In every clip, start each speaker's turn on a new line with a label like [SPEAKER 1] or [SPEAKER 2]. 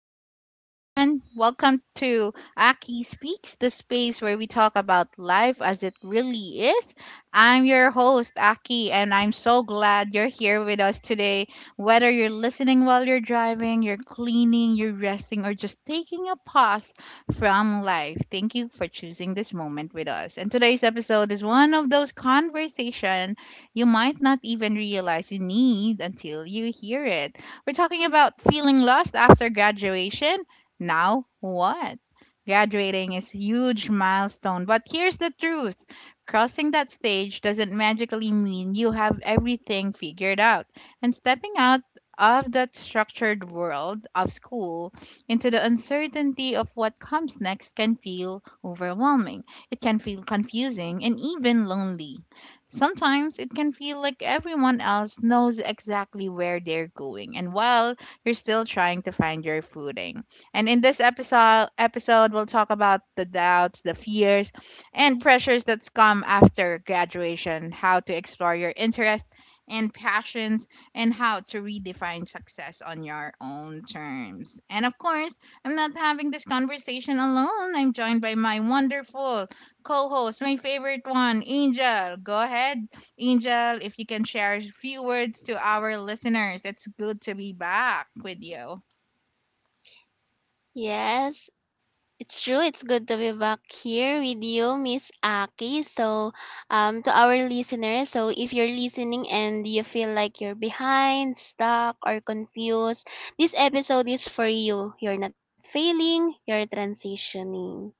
[SPEAKER 1] Hey everyone, welcome to Aki Speaks, the space where we talk about life as it really is. I'm your host, Aki, and I'm so glad you're here with us today. Whether you're listening while you're driving, you're cleaning, you're resting, or just taking a pause from life, thank you for choosing this moment with us. And today's episode is one of those conversations you might not even realize you need until you hear it. We're talking about feeling lost after graduation. Now, what? Graduating is a huge milestone, but here's the truth. Crossing that stage doesn't magically mean you have everything figured out. And stepping out of that structured world of school into the uncertainty of what comes next can feel overwhelming. It can feel confusing and even lonely. Sometimes it can feel like everyone else knows exactly where they're going and while you're still trying to find your footing. And in this episode we'll talk about the doubts, the fears, and pressures that come after graduation, how to explore your interests and passions, and how to redefine success on your own terms. And of course, I'm not having this conversation alone. I'm joined by my wonderful co-host, my favorite one, Angel. Go ahead, Angel, if you can share a few words to our listeners. It's good to be back with you.
[SPEAKER 2] Yes, it's true. It's good to be back here with you, Miss Aki. To our listeners, so if you're listening and you feel like you're behind, stuck, or confused, this episode is for you. You're not failing, you're transitioning.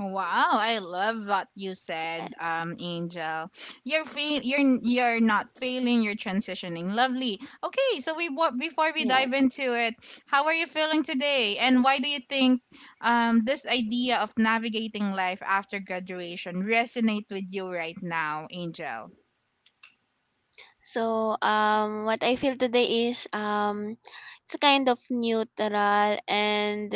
[SPEAKER 1] Wow, I love what you said,
[SPEAKER 2] Yes,
[SPEAKER 1] Angel. You're not failing, you're transitioning. Lovely. Okay, so before we dive
[SPEAKER 2] yes.
[SPEAKER 1] into it, how are you feeling today, and why do you think this idea of navigating life after graduation resonate with you right now, Angel?
[SPEAKER 2] What I feel today is it's kind of neutral, and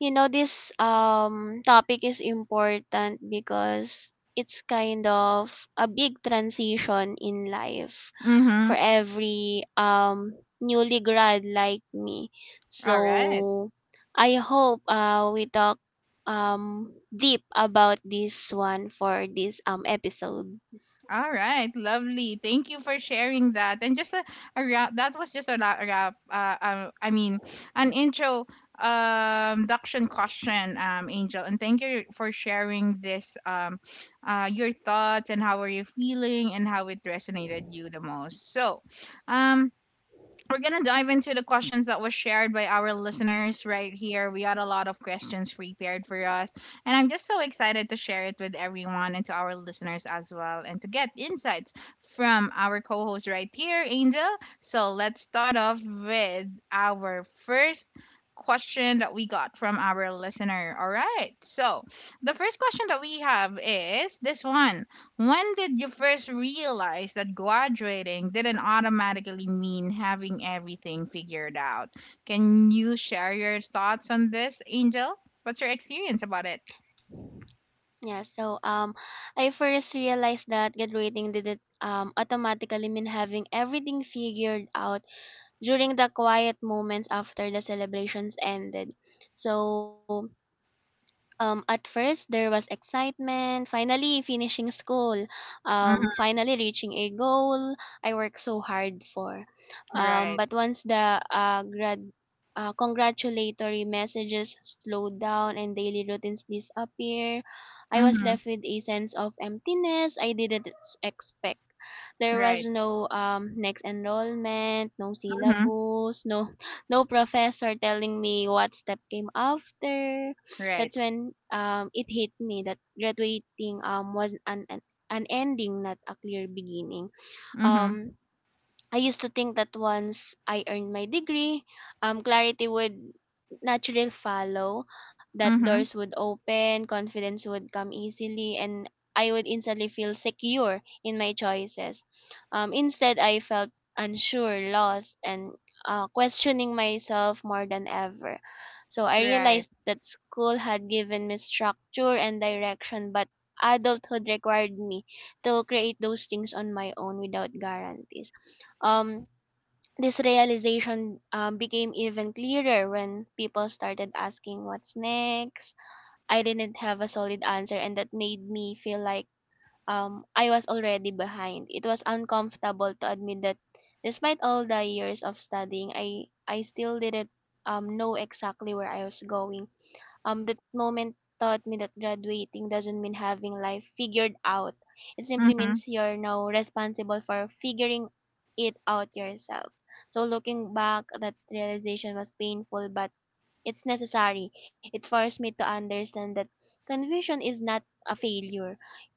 [SPEAKER 2] you know this topic is important because it's kind of a big transition in life
[SPEAKER 1] Mm-hmm.
[SPEAKER 2] for every newly grad like me.
[SPEAKER 1] All right.
[SPEAKER 2] So I hope we talk deep about this one for this episode.
[SPEAKER 1] All right. Lovely. Thank you for sharing that. And just a wrap. That was just a a wrap. An intro duction question angel, and thank you for sharing this your thoughts and how are you feeling and how it resonated you the most. So um we're gonna dive into the questions that was shared by our listeners right here. We got a lot of questions prepared for us, and I'm just so excited to share it with everyone and to our listeners as well, and to get insights from our co-host right here, Angel. So let's start off with our first question that we got from our listener. All right. So the first question that we have is this one. When did you first realize that graduating didn't automatically mean having everything figured out? Can you share your thoughts on this, Angel? What's your experience about it?
[SPEAKER 2] Yeah, so um, I first realized that graduating didn't automatically mean having everything figured out during the quiet moments after the celebrations ended. So at first, there was excitement, finally finishing school,
[SPEAKER 1] Hmm.
[SPEAKER 2] finally reaching a goal I worked so hard for.
[SPEAKER 1] Right.
[SPEAKER 2] But once the congratulatory messages slowed down and daily routines disappear, I was
[SPEAKER 1] Hmm.
[SPEAKER 2] left with a sense of emptiness I didn't expect. There was
[SPEAKER 1] Right.
[SPEAKER 2] no next enrollment, no
[SPEAKER 1] Hmm.
[SPEAKER 2] syllabus, no professor telling me what step came after. That's
[SPEAKER 1] Right.
[SPEAKER 2] when it hit me that graduating was an ending, not a clear beginning.
[SPEAKER 1] Hmm.
[SPEAKER 2] Um I used to think that once I earned my degree, clarity would naturally follow, that doors
[SPEAKER 1] Hmm.
[SPEAKER 2] would open, confidence would come easily, and I would instantly feel secure in my choices. Instead, I felt unsure, lost, and questioning myself more than ever. So I
[SPEAKER 1] Right.
[SPEAKER 2] realized that school had given me structure and direction, but adulthood required me to create those things on my own without guarantees. Um, this realization became even clearer when people started asking what's next. I didn't have a solid answer, and that made me feel like I was already behind. It was uncomfortable to admit that despite all the years of studying, I still didn't know exactly where I was going. That moment taught me that graduating doesn't mean having life figured out. It simply
[SPEAKER 1] Hmm.
[SPEAKER 2] means you're now responsible for figuring it out yourself. So looking back, that realization was painful, but it's necessary. It forced me to understand that confusion is not a failure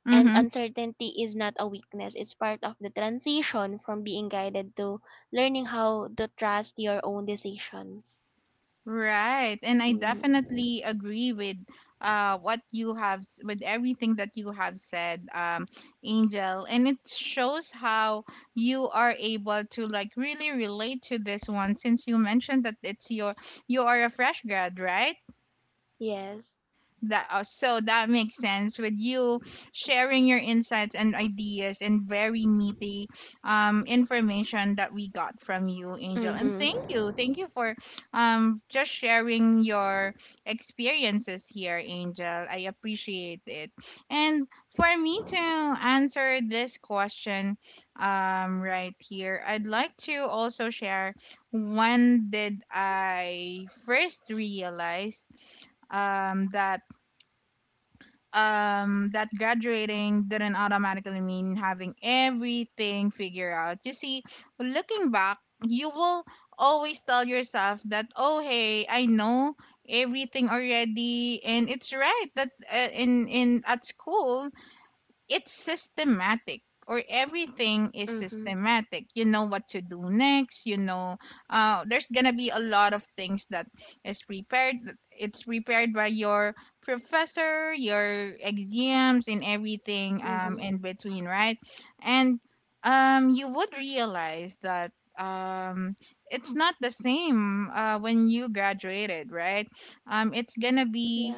[SPEAKER 2] and
[SPEAKER 1] Hmm.
[SPEAKER 2] uncertainty is not a weakness. It's part of the transition from being guided to learning how to trust your own decisions.
[SPEAKER 1] Right. And I
[SPEAKER 2] Mhm.
[SPEAKER 1] definitely agree with what you with everything that you have said, Angel. And it shows how you are able to like really relate to this one since you mentioned that it's your, you are a fresh grad, right?
[SPEAKER 2] Yes.
[SPEAKER 1] That so that makes sense with you sharing your insights and ideas and very meaty information that we got from you, Angel. And
[SPEAKER 2] Mhm.
[SPEAKER 1] thank you for just sharing your experiences here, Angel. I appreciate it. And for me to answer this question, right here, I'd like to also share when did I first realize um, that that graduating didn't automatically mean having everything figured out. You see, looking back, you will always tell yourself that oh hey, I know everything already, and it's right that in at school it's systematic, or everything is
[SPEAKER 2] Mhm.
[SPEAKER 1] systematic, you know what to do next, you know there's gonna be a lot of things that is prepared it's prepared by your professor, your exams and everything
[SPEAKER 2] Mhm.
[SPEAKER 1] in between, right? And you would realize that um, it's not the same when you graduated, right? It's gonna
[SPEAKER 2] Yes.
[SPEAKER 1] be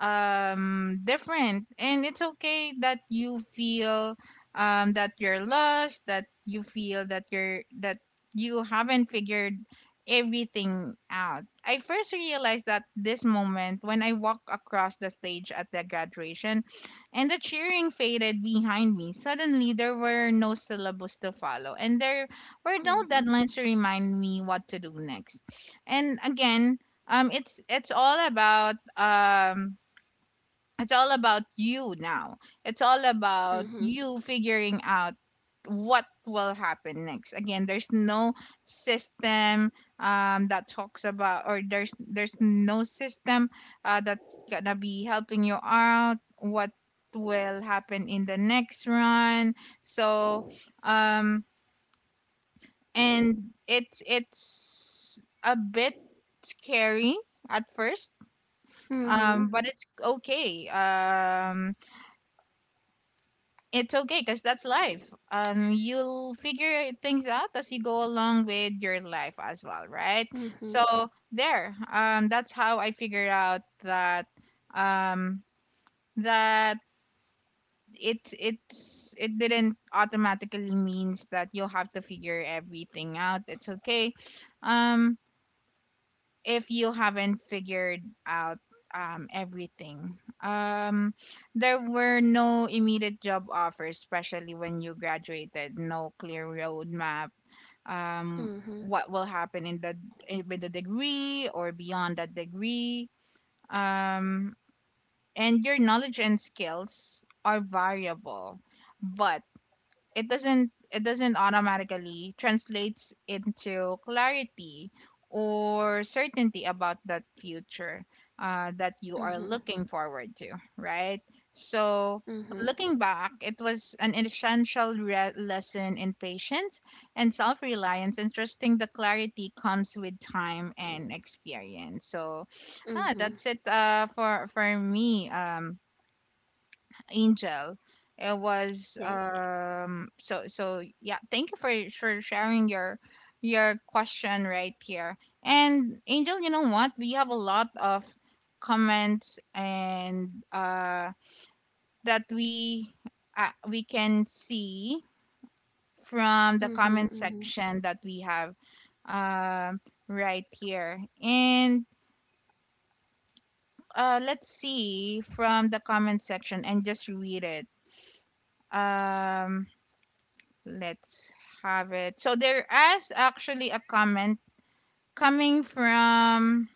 [SPEAKER 1] different, and it's okay that you feel that you're lost, that you feel that you haven't figured everything out. I first realized that this moment when I walked across the stage at the graduation and the cheering faded behind me. Suddenly there were no syllables to follow and there were no
[SPEAKER 2] Mhm.
[SPEAKER 1] deadlines to remind me what to do next. And again, it's it's all about you now. It's all about
[SPEAKER 2] Mhm.
[SPEAKER 1] you figuring out what will happen next. Again, there's no system that talks about, or there's no system that's gonna be helping you out. What will happen in the next run? So, um, and it's a bit scary at first,
[SPEAKER 2] Mhm.
[SPEAKER 1] but it's okay. It's okay because that's life. You'll figure things out as you go along with your life as well, right?
[SPEAKER 2] Mhm.
[SPEAKER 1] So there, that's how I figured out that um, that it's it didn't automatically means that you'll have to figure everything out. It's okay. Um, if you haven't figured out everything. There were no immediate job offers, especially when you graduated. No clear roadmap. Um,
[SPEAKER 2] Mhm.
[SPEAKER 1] what will happen in the with the degree or beyond that degree? Um, and your knowledge and skills are variable, but it doesn't automatically translates into clarity or certainty about that future that you
[SPEAKER 2] Mhm.
[SPEAKER 1] are looking forward to, right? So
[SPEAKER 2] Mhm.
[SPEAKER 1] looking back, it was an essential lesson in patience and self-reliance and trusting the clarity comes with time and experience. So ah,
[SPEAKER 2] Mhm.
[SPEAKER 1] that's it for me, Angel. It was
[SPEAKER 2] Yes.
[SPEAKER 1] so so yeah, thank you for sharing your question right here. And Angel, you know what? We have a lot of comments and that we can see from the
[SPEAKER 2] Mhm.
[SPEAKER 1] comment
[SPEAKER 2] Mhm.
[SPEAKER 1] section that we have um right here. And uh, let's see from the comment section and just read it. Um, let's have it. So there is actually a comment coming from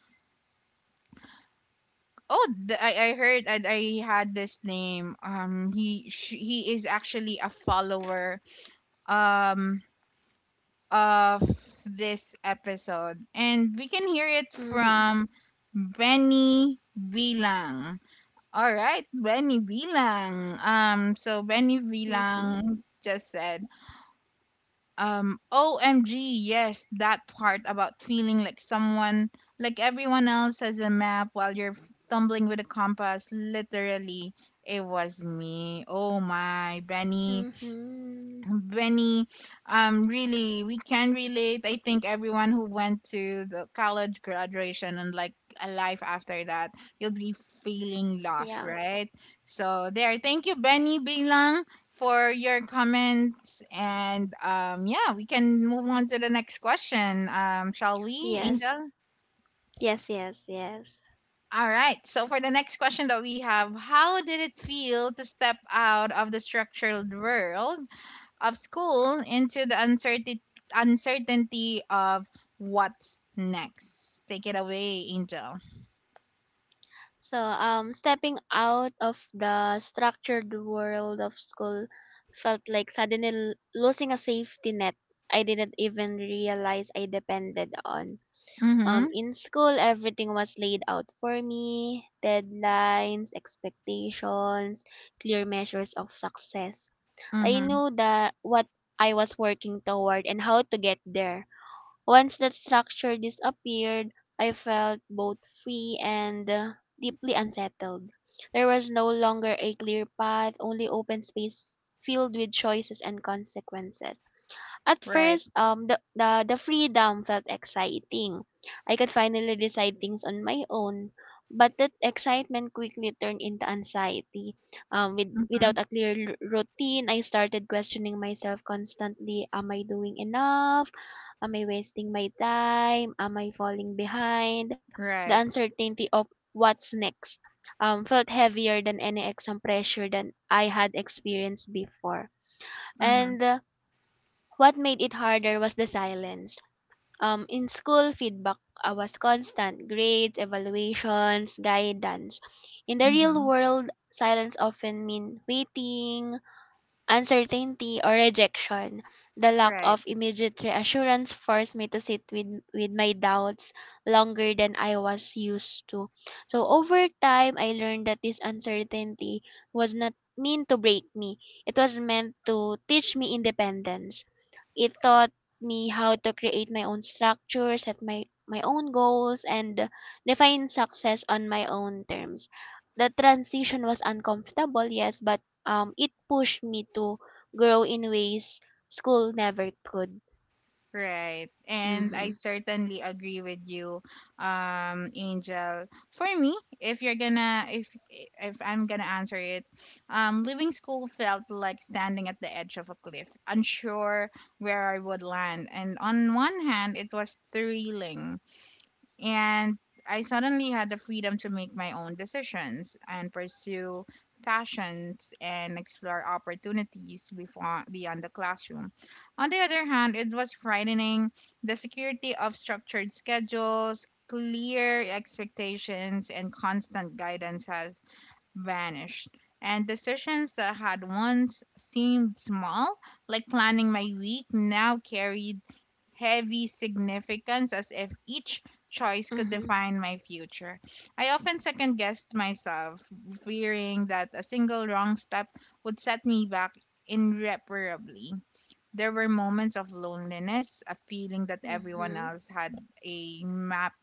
[SPEAKER 1] oh I heard I had this name. Um, he is actually a follower um of this episode and we can hear it
[SPEAKER 2] Mhm.
[SPEAKER 1] from Benny Bilang. All right, Benny Bilang. So Benny
[SPEAKER 2] Mhm.
[SPEAKER 1] Bilang just said um, OMG, yes, that part about feeling like like everyone else has a map while you're tumbling with a compass. Literally, it was me. Oh my,
[SPEAKER 2] Mhm.
[SPEAKER 1] Benny, really, we can relate. I think everyone who went to the college graduation and like a life after that, you'll be feeling
[SPEAKER 2] Yeah.
[SPEAKER 1] lost, right? So there, thank you, Benny Bilang, for your comments, and yeah, we can move on to the next question. Shall we,
[SPEAKER 2] Yes.
[SPEAKER 1] Angel?
[SPEAKER 2] Yes, yes, yes.
[SPEAKER 1] All right. So for the next question that we have, how did it feel to step out of the structured world of school into the uncertainty of what's next. Take it away, Angel.
[SPEAKER 2] Stepping out of the structured world of school felt like suddenly losing a safety net I didn't even realize I depended on.
[SPEAKER 1] Mhm.
[SPEAKER 2] In school, everything was laid out for me: deadlines, expectations, clear measures of success. I
[SPEAKER 1] Mhm.
[SPEAKER 2] knew that what I was working toward and how to get there. Once that structure disappeared, I felt both free and deeply unsettled. There was no longer a clear path, only open space filled with choices and consequences. At
[SPEAKER 1] Right.
[SPEAKER 2] first, the freedom felt exciting. I could finally decide things on my own. But that excitement quickly turned into anxiety.
[SPEAKER 1] Mhm.
[SPEAKER 2] Without a clear routine, I started questioning myself constantly. Am I doing enough? Am I wasting my time? Am I falling behind? The
[SPEAKER 1] Right.
[SPEAKER 2] uncertainty of what's next felt heavier than any exam pressure than I had experienced before.
[SPEAKER 1] Mhm.
[SPEAKER 2] And What made it harder was the silence. In school, feedback was constant: grades, evaluations, guidance. In the real
[SPEAKER 1] Mhm.
[SPEAKER 2] world, silence often mean waiting, uncertainty or rejection. The lack
[SPEAKER 1] Right.
[SPEAKER 2] of immediate reassurance forced me to sit with my doubts longer than I was used to. So over time, I learned that this uncertainty was not meant to break me. It was meant to teach me independence. It taught me how to create my own structure, set my own goals, and define success on my own terms. The transition was uncomfortable, yes, but it pushed me to grow in ways school never could.
[SPEAKER 1] Right. And I
[SPEAKER 2] Mhm.
[SPEAKER 1] certainly agree with you, Angel. For me, if you're gonna if I'm gonna answer it, leaving school felt like standing at the edge of a cliff, unsure where I would land. And on one hand, it was thrilling, and I suddenly had the freedom to make my own decisions and pursue passions and explore opportunities before, beyond the classroom. On the other hand, it was frightening. The security of structured schedules, clear expectations, and constant guidance has vanished, and decisions that had once seemed small, like planning my week, now carried heavy significance, as if each choice could
[SPEAKER 2] Mhm.
[SPEAKER 1] define my future. I often second guessed myself, fearing that a single wrong step would set me back irreparably. There were moments of loneliness, a feeling that everyone
[SPEAKER 2] Mhm.
[SPEAKER 1] else had a map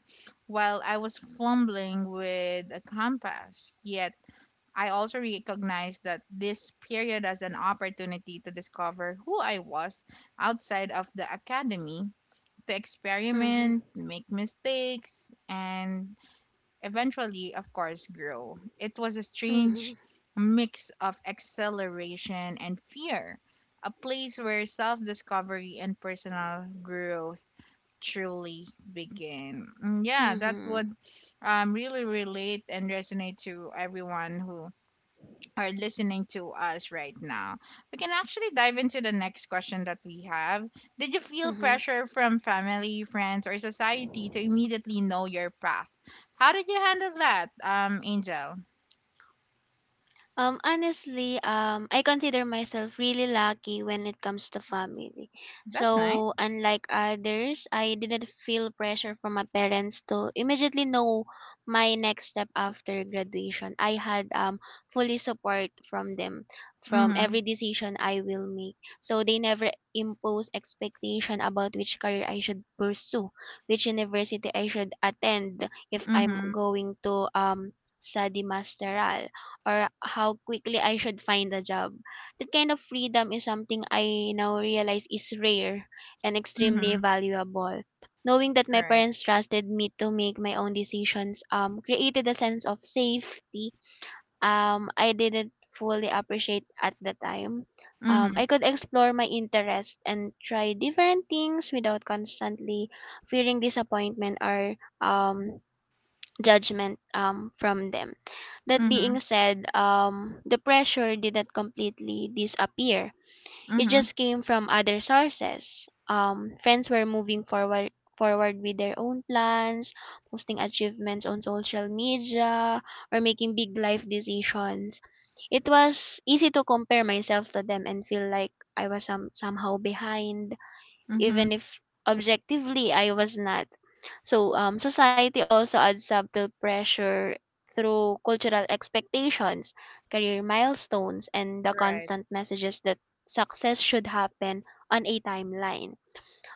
[SPEAKER 1] while I was fumbling with a compass. Yet I also recognized that this period as an opportunity to discover who I was outside of the academy, to
[SPEAKER 2] Mhm.
[SPEAKER 1] experiment, make mistakes, and eventually, of course, grow. It was a
[SPEAKER 2] Mhm.
[SPEAKER 1] strange mix of exhilaration and fear, a place where self discovery and personal growth truly begin. Mm, yeah, that would
[SPEAKER 2] Mhm.
[SPEAKER 1] really relate and resonate to everyone who are listening to us right now. We can actually dive into the next question that we have. Did you feel
[SPEAKER 2] Mhm.
[SPEAKER 1] pressure from family, friends, or society to immediately know your path? How did you handle that, Angel?
[SPEAKER 2] Honestly, I consider myself really lucky when it comes to family.
[SPEAKER 1] That's
[SPEAKER 2] So,
[SPEAKER 1] nice.
[SPEAKER 2] unlike others, I didn't feel pressure from my parents to immediately know my next step after graduation. I had fully support from them from every
[SPEAKER 1] Mhm.
[SPEAKER 2] decision I will make. So they never impose expectation about which career I should pursue, which university I should attend if I'm
[SPEAKER 1] Mhm.
[SPEAKER 2] going to study masteral or how quickly I should find a job. That kind of freedom is something I now realize is rare and extremely
[SPEAKER 1] Mhm.
[SPEAKER 2] valuable. Knowing that my
[SPEAKER 1] Right.
[SPEAKER 2] parents trusted me to make my own decisions created a sense of safety I didn't fully appreciate at the time.
[SPEAKER 1] Mhm.
[SPEAKER 2] I could explore my interests and try different things without constantly fearing disappointment or um, judgment from them. That being
[SPEAKER 1] Mhm.
[SPEAKER 2] said, the pressure didn't completely disappear. It
[SPEAKER 1] Mhm.
[SPEAKER 2] just came from other sources. Friends were moving forward with their own plans, posting achievements on social media, or making big life decisions. It was easy to compare myself to them and feel like I was somehow behind,
[SPEAKER 1] Mhm.
[SPEAKER 2] even if objectively I was not. Society also adds subtle pressure through cultural expectations, career milestones, and the
[SPEAKER 1] Right.
[SPEAKER 2] constant messages that success should happen on a timeline.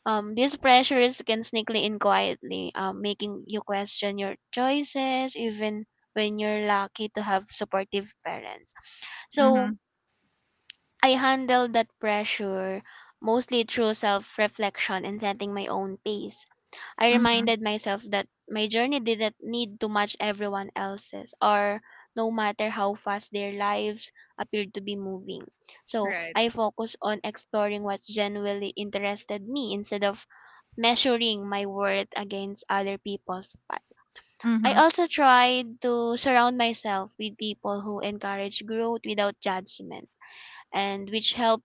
[SPEAKER 2] These pressures can sneakily in quietly, making you question your choices even when you're lucky to have supportive parents. So
[SPEAKER 1] Mhm.
[SPEAKER 2] I handled that pressure mostly through self reflection and setting my own pace. I
[SPEAKER 1] Mhm.
[SPEAKER 2] reminded myself that my journey didn't need to match everyone else's, or no matter how fast their lives appeared to be moving. So
[SPEAKER 1] Right.
[SPEAKER 2] I focused on exploring what genuinely interested me instead of measuring my worth against other people's path. I
[SPEAKER 1] Mhm.
[SPEAKER 2] also tried to surround myself with people who encourage growth without judgment and which help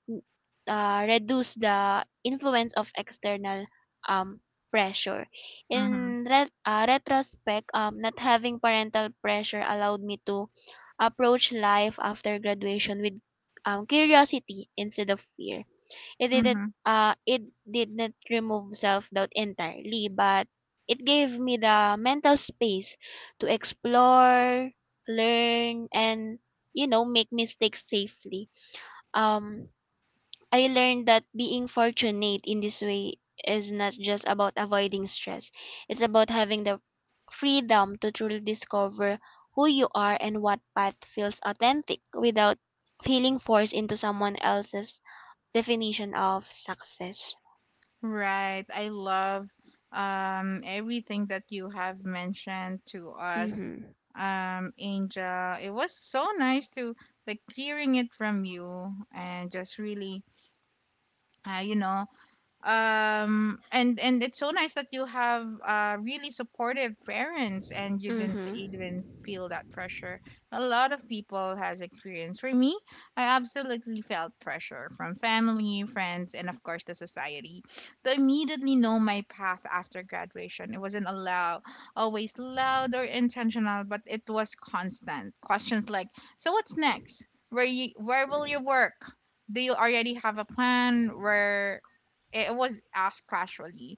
[SPEAKER 2] reduce the influence of external um, pressure.
[SPEAKER 1] Mhm.
[SPEAKER 2] In retrospect, not having parental pressure allowed me to approach life after graduation with curiosity instead of fear. It didn't
[SPEAKER 1] Mhm.
[SPEAKER 2] It did not remove self doubt entirely, but it gave me the mental space to explore, learn, and you know make mistakes safely. um, I learned that being fortunate in this way is not just about avoiding stress. It's about having the freedom to truly discover who you are and what path feels authentic without feeling forced into someone else's definition of success.
[SPEAKER 1] Right. I love everything that you have mentioned to us,
[SPEAKER 2] Mhm.
[SPEAKER 1] Angel. It was so nice to like hearing it from you and just really uh, you know, and it's so nice that you have really supportive parents and you didn't
[SPEAKER 2] Mhm.
[SPEAKER 1] even feel that pressure. A lot of people has experience. For me, I absolutely felt pressure from family, friends, and of course the society to immediately know my path after graduation. It wasn't allow always loud or intentional, but it was constant questions like, so what's next? Where you where will you work? Do you already have a plan where? It was asked casually,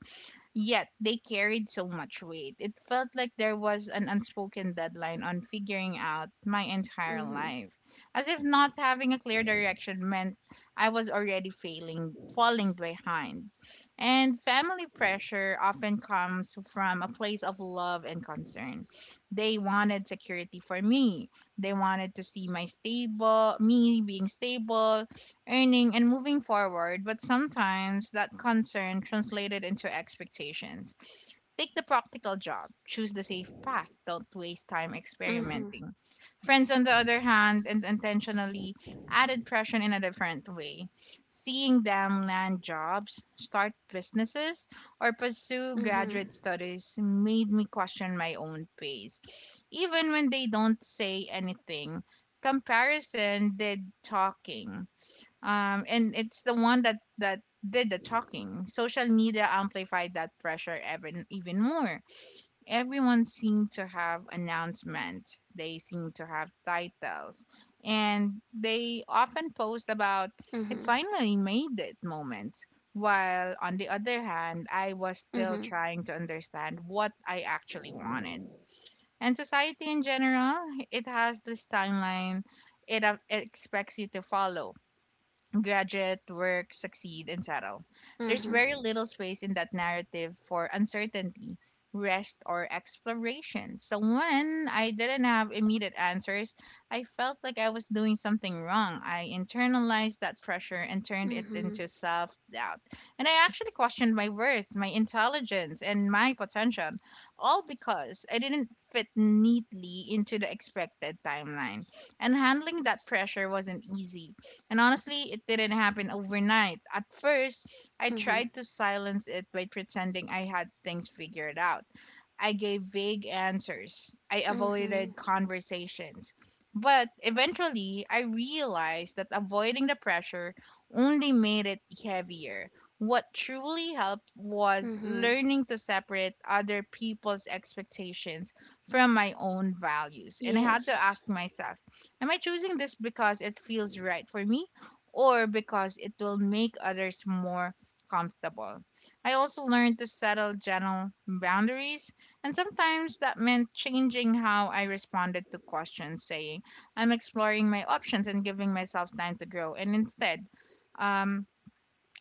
[SPEAKER 1] yet they carried so much weight. It felt like there was an unspoken deadline on figuring out my entire
[SPEAKER 2] Mhm.
[SPEAKER 1] life, as if not having a clear direction meant I was already failing, falling behind. And family pressure often comes from a place of love and concern. They wanted security for me. They wanted to see my stable, me being stable, earning, and moving forward, but sometimes that concern translated into expectations. Take the practical job, choose the safe path, don't waste time
[SPEAKER 2] Mhm.
[SPEAKER 1] experimenting. Friends, on the other hand, and intentionally added pressure in a different way. Seeing them land jobs, start businesses, or pursue
[SPEAKER 2] Mhm.
[SPEAKER 1] graduate studies made me question my own pace. Even when they don't say anything, comparison did talking and it's the one that did the talking. Social media amplified that pressure even more. Everyone seemed to have announcements. They seemed to have titles, and they often post
[SPEAKER 2] Mhm.
[SPEAKER 1] about "I finally made it" moments. While on the other hand, I was
[SPEAKER 2] Mhm.
[SPEAKER 1] still trying to understand what I actually wanted. And society in general, it has this timeline it expects you to follow. Graduate, work,
[SPEAKER 2] Mhm.
[SPEAKER 1] succeed, and settle. There's very little space in that narrative for uncertainty, rest, or exploration. So when I didn't have immediate answers, I felt like I was doing something wrong. I internalized that pressure and
[SPEAKER 2] Mhm.
[SPEAKER 1] turned it into self doubt. And I actually questioned my worth, my intelligence, and my potential, all because I didn't fit neatly into the expected timeline. And handling that pressure wasn't easy, and honestly, it didn't happen overnight. At
[SPEAKER 2] Mhm.
[SPEAKER 1] first, I tried to silence it by pretending I had things figured out. I gave vague answers.
[SPEAKER 2] Mhm.
[SPEAKER 1] I avoided conversations. But eventually, I realized that avoiding the pressure only made it heavier. What truly helped
[SPEAKER 2] Mhm.
[SPEAKER 1] was learning to separate other people's expectations from my own values.
[SPEAKER 2] Yes.
[SPEAKER 1] And I had to ask myself, am I choosing this because it feels right for me, or because it will make others more comfortable? I also learned to settle general boundaries, and sometimes that meant changing how I responded to questions, saying, I'm exploring my options and giving myself time to grow. Um,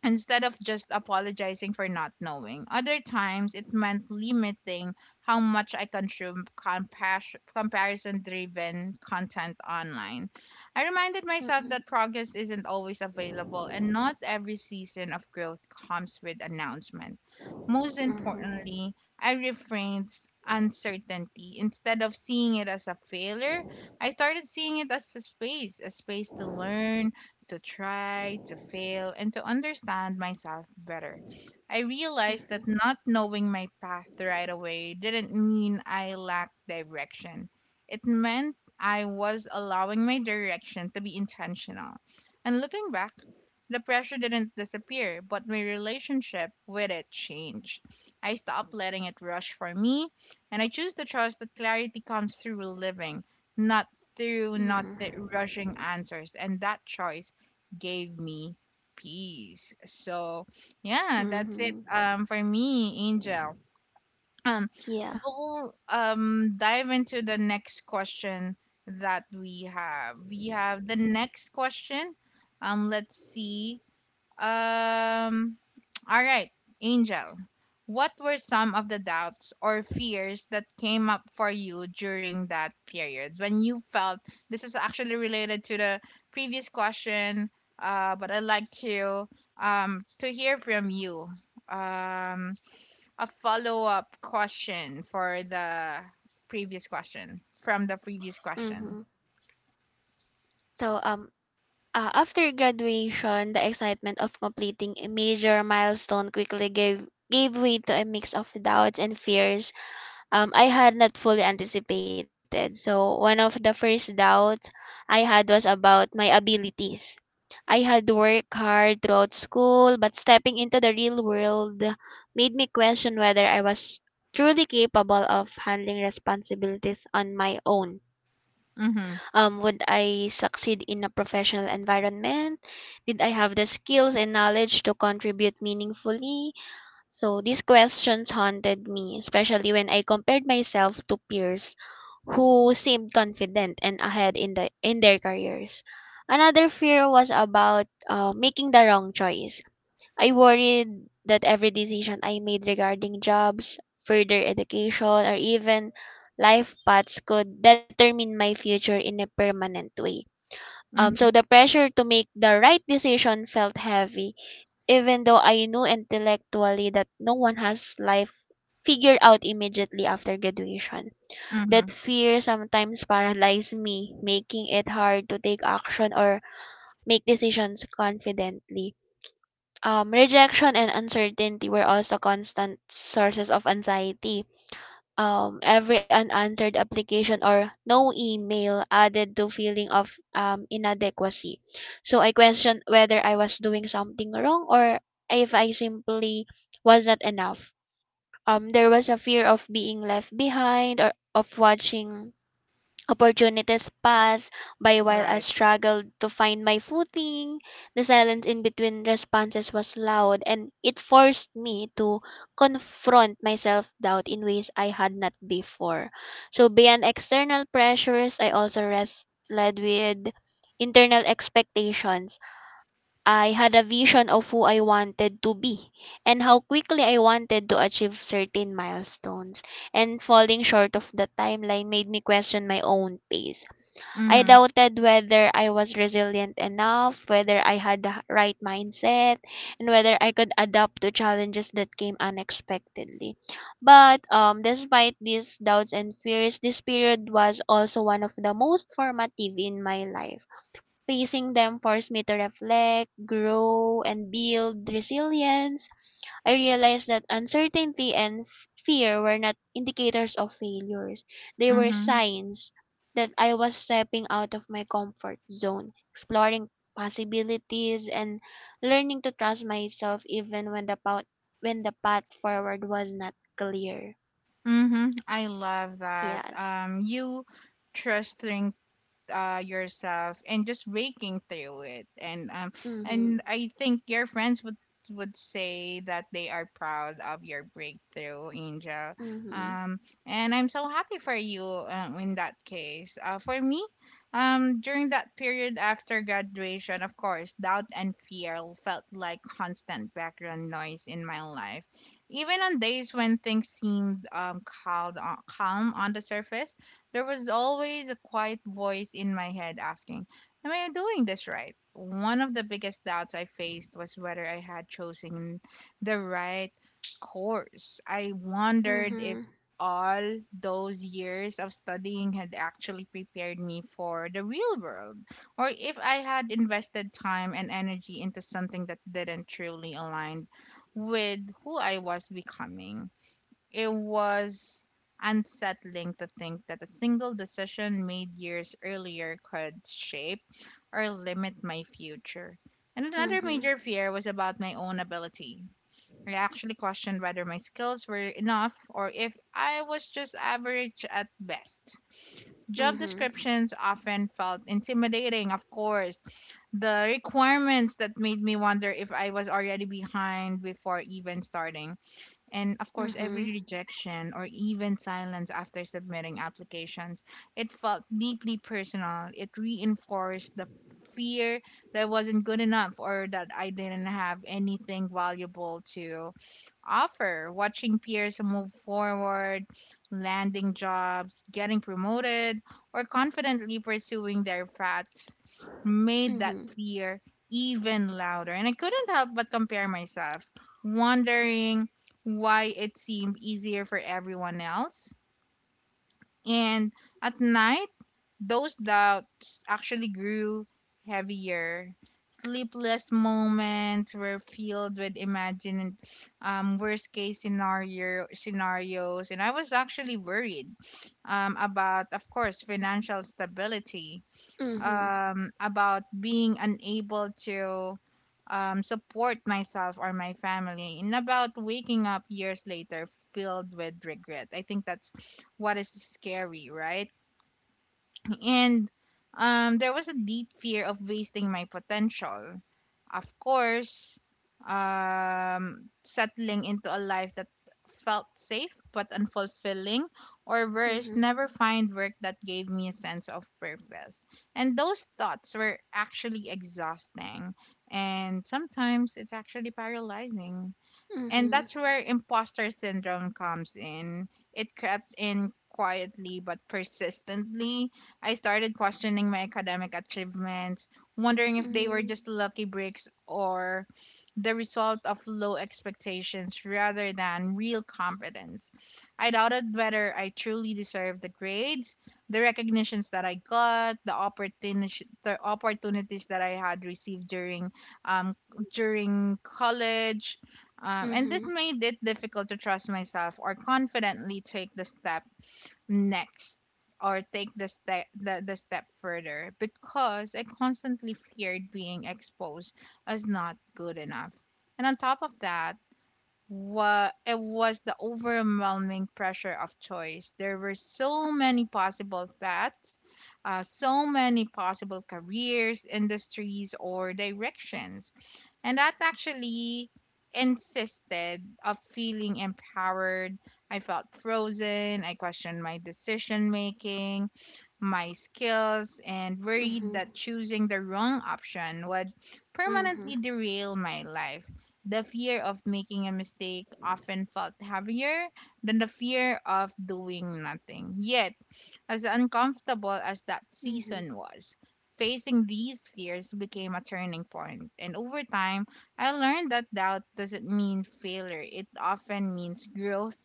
[SPEAKER 1] instead of just apologizing for not knowing. Other times, it meant limiting how much I consume comparison driven content online. I reminded myself
[SPEAKER 2] Mhm.
[SPEAKER 1] that progress isn't always available, and not every season of growth comes with announcement. Most
[SPEAKER 2] Mhm.
[SPEAKER 1] importantly, I reframed uncertainty. Instead of seeing it as a failure, I started seeing it as a space to learn, to try, to fail, and to understand myself better. I realized that
[SPEAKER 2] Mhm.
[SPEAKER 1] not knowing my path right away didn't mean I lacked direction. It meant I was allowing my direction to be intentional. And looking back, the pressure didn't disappear, but my relationship with it changed. I stopped letting it rush for me, and I choose to trust that clarity comes through living, not through
[SPEAKER 2] Mhm.
[SPEAKER 1] not th- rushing answers. And that choice gave me peace. So yeah, that's
[SPEAKER 2] Mhm.
[SPEAKER 1] it for me, Angel. Um
[SPEAKER 2] Yeah.
[SPEAKER 1] we'll dive into the next question that we have. We have the next question. Let's see. Um, all right, Angel. What were some of the doubts or fears that came up for you during that period when you felt, this is actually related to the previous question? But I'd like to hear from you. um a follow up question for the previous question, from the previous
[SPEAKER 2] Mhm.
[SPEAKER 1] question.
[SPEAKER 2] So um After graduation, the excitement of completing a major milestone quickly gave way to a mix of doubts and fears I had not fully anticipated. So, one of the first doubts I had was about my abilities. I had worked hard throughout school, but stepping into the real world made me question whether I was truly capable of handling responsibilities on my own.
[SPEAKER 1] Mhm.
[SPEAKER 2] Would I succeed in a professional environment? Did I have the skills and knowledge to contribute meaningfully? So these questions haunted me, especially when I compared myself to peers who seemed confident and ahead in their careers. Another fear was about making the wrong choice. I worried that every decision I made regarding jobs, further education, or even life paths could determine my future in a permanent way. So the
[SPEAKER 1] Mhm.
[SPEAKER 2] pressure to make the right decision felt heavy even though I knew intellectually that no one has life figured out immediately after graduation. That
[SPEAKER 1] Mhm.
[SPEAKER 2] fear sometimes paralyzed me, making it hard to take action or make decisions confidently. Rejection and uncertainty were also constant sources of anxiety. Every unanswered application or no email added to feeling of inadequacy. So I questioned whether I was doing something wrong or if I simply was not enough. There was a fear of being left behind or of watching opportunities passed by while I
[SPEAKER 1] Right.
[SPEAKER 2] struggled to find my footing. The silence in between responses was loud, and it forced me to confront my self doubt in ways I had not before. So, beyond external pressures, I also led with internal expectations. I had a vision of who I wanted to be and how quickly I wanted to achieve certain milestones, and falling short of the timeline made me question my own pace. I
[SPEAKER 1] Mhm.
[SPEAKER 2] doubted whether I was resilient enough, whether I had the right mindset, and whether I could adapt to challenges that came unexpectedly. But despite these doubts and fears, this period was also one of the most formative in my life. Facing them forced me to reflect, grow, and build resilience. I realized that uncertainty and fear were not indicators of failures. They were
[SPEAKER 1] Mhm.
[SPEAKER 2] signs that I was stepping out of my comfort zone, exploring possibilities and learning to trust myself even when the path forward was not clear.
[SPEAKER 1] Mm-hmm. I love that.
[SPEAKER 2] Yes.
[SPEAKER 1] You trusting yourself and just breaking through it, and
[SPEAKER 2] Mhm.
[SPEAKER 1] I think your friends would say that they are proud of your breakthrough, Angel.
[SPEAKER 2] Mhm.
[SPEAKER 1] um and I'm so happy for you, in that case. For me, during that period after graduation, of course doubt and fear felt like constant background noise in my life. Even on days when things seemed calm on the surface, there was always a quiet voice in my head asking, am I doing this right? One of the biggest doubts I faced was whether I had chosen the right course. I wondered if
[SPEAKER 2] Mhm.
[SPEAKER 1] all those years of studying had actually prepared me for the real world, or if I had invested time and energy into something that didn't truly align with who I was becoming. It was unsettling to think that a single decision made years earlier could shape or limit my future. And another
[SPEAKER 2] Mhm.
[SPEAKER 1] major fear was about my own ability. I actually questioned whether my skills were enough, or if I was just average at best. Job
[SPEAKER 2] Mhm.
[SPEAKER 1] descriptions often felt intimidating, of course. The requirements that made me wonder if I was already behind before even starting. And of course, every
[SPEAKER 2] Mhm.
[SPEAKER 1] rejection or even silence after submitting applications, it felt deeply personal. It reinforced the fear that I wasn't good enough, or that I didn't have anything valuable to offer. Watching peers move forward, landing jobs, getting promoted, or confidently pursuing their paths made
[SPEAKER 2] Mhm.
[SPEAKER 1] that fear even louder. And I couldn't help but compare myself, wondering why it seemed easier for everyone else. And at night, those doubts actually grew heavier. Sleepless moments were filled with imagined worst case scenarios, and I was actually worried about, of course, financial stability,
[SPEAKER 2] Mhm.
[SPEAKER 1] about being unable to support myself or my family, and about waking up years later filled with regret. I think that's what is scary, right? and There was a deep fear of wasting my potential. Of course, settling into a life that felt safe but unfulfilling, or worse,
[SPEAKER 2] Mhm.
[SPEAKER 1] never find work that gave me a sense of purpose. And those thoughts were actually exhausting, and sometimes it's actually paralyzing. And that's
[SPEAKER 2] Mhm.
[SPEAKER 1] where imposter syndrome comes in. It crept in quietly but persistently. I started questioning my academic achievements, wondering if they were
[SPEAKER 2] Mhm.
[SPEAKER 1] just lucky breaks or the result of low expectations rather than real competence. I doubted whether I truly deserved the grades, the recognitions that I got, the opportunities that I had received during um, during college, and this
[SPEAKER 2] Mhm.
[SPEAKER 1] made it difficult to trust myself or confidently take the step next, or take the step the step further, because I constantly feared being exposed as not good enough. And on top of that, Wa it was the overwhelming pressure of choice. There were so many possible paths, so many possible careers, industries, or directions. And that actually insisted of feeling empowered. I felt frozen. I questioned my decision making, my
[SPEAKER 2] Mhm.
[SPEAKER 1] skills, and worried that choosing the wrong option
[SPEAKER 2] Mhm.
[SPEAKER 1] would permanently derail my life. The fear of making a mistake often felt heavier than the fear of doing nothing. Yet, as uncomfortable as that
[SPEAKER 2] Mhm.
[SPEAKER 1] season was, facing these fears became a turning point, and over time, I learned that doubt doesn't mean failure. It often means growth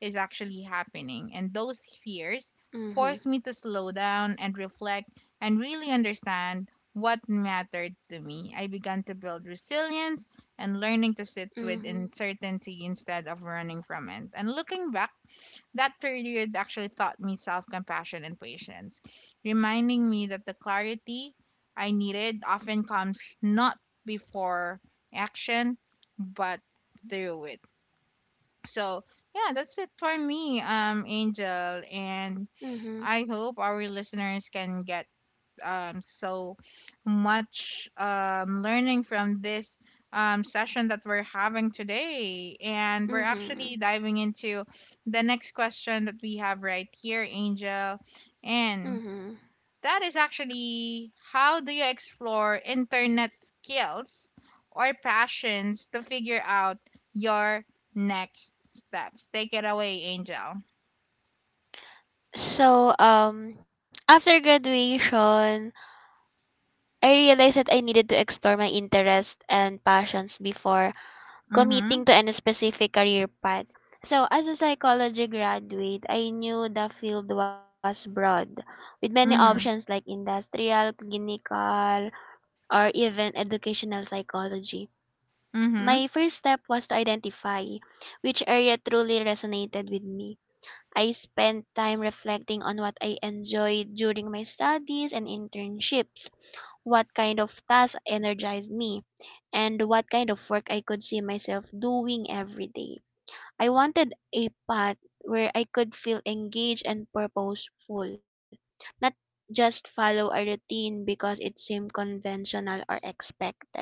[SPEAKER 1] is actually happening, and those fears
[SPEAKER 2] Mhm.
[SPEAKER 1] forced me to slow down and reflect and really understand what mattered to me. I began to build resilience and learning to sit
[SPEAKER 2] Mhm.
[SPEAKER 1] with uncertainty instead of running from it. And looking back, that period actually taught me self compassion and patience, reminding me that the clarity I needed often comes not before action, but through it. So, yeah, that's it for me, Angel. And
[SPEAKER 2] Mhm.
[SPEAKER 1] I hope our listeners can get so much learning from this session that we're having today. And we're
[SPEAKER 2] Mhm.
[SPEAKER 1] actually diving into the next question that we have right here, Angel. And
[SPEAKER 2] Mhm.
[SPEAKER 1] that is actually, how do you explore internet skills or passions to figure out your next steps? Take it away, Angel.
[SPEAKER 2] So, after graduation, I realized that I needed to explore my interests and passions before
[SPEAKER 1] Mm-hmm.
[SPEAKER 2] committing to any specific career path. So, as a psychology graduate, I knew the field was broad, with many
[SPEAKER 1] Mm-hmm.
[SPEAKER 2] options like industrial, clinical, or even educational psychology. My
[SPEAKER 1] Mm-hmm.
[SPEAKER 2] first step was to identify which area truly resonated with me. I spent time reflecting on what I enjoyed during my studies and internships, what kind of tasks energized me, and what kind of work I could see myself doing every day. I wanted a path where I could feel engaged and purposeful, not just follow a routine because it seemed conventional or expected.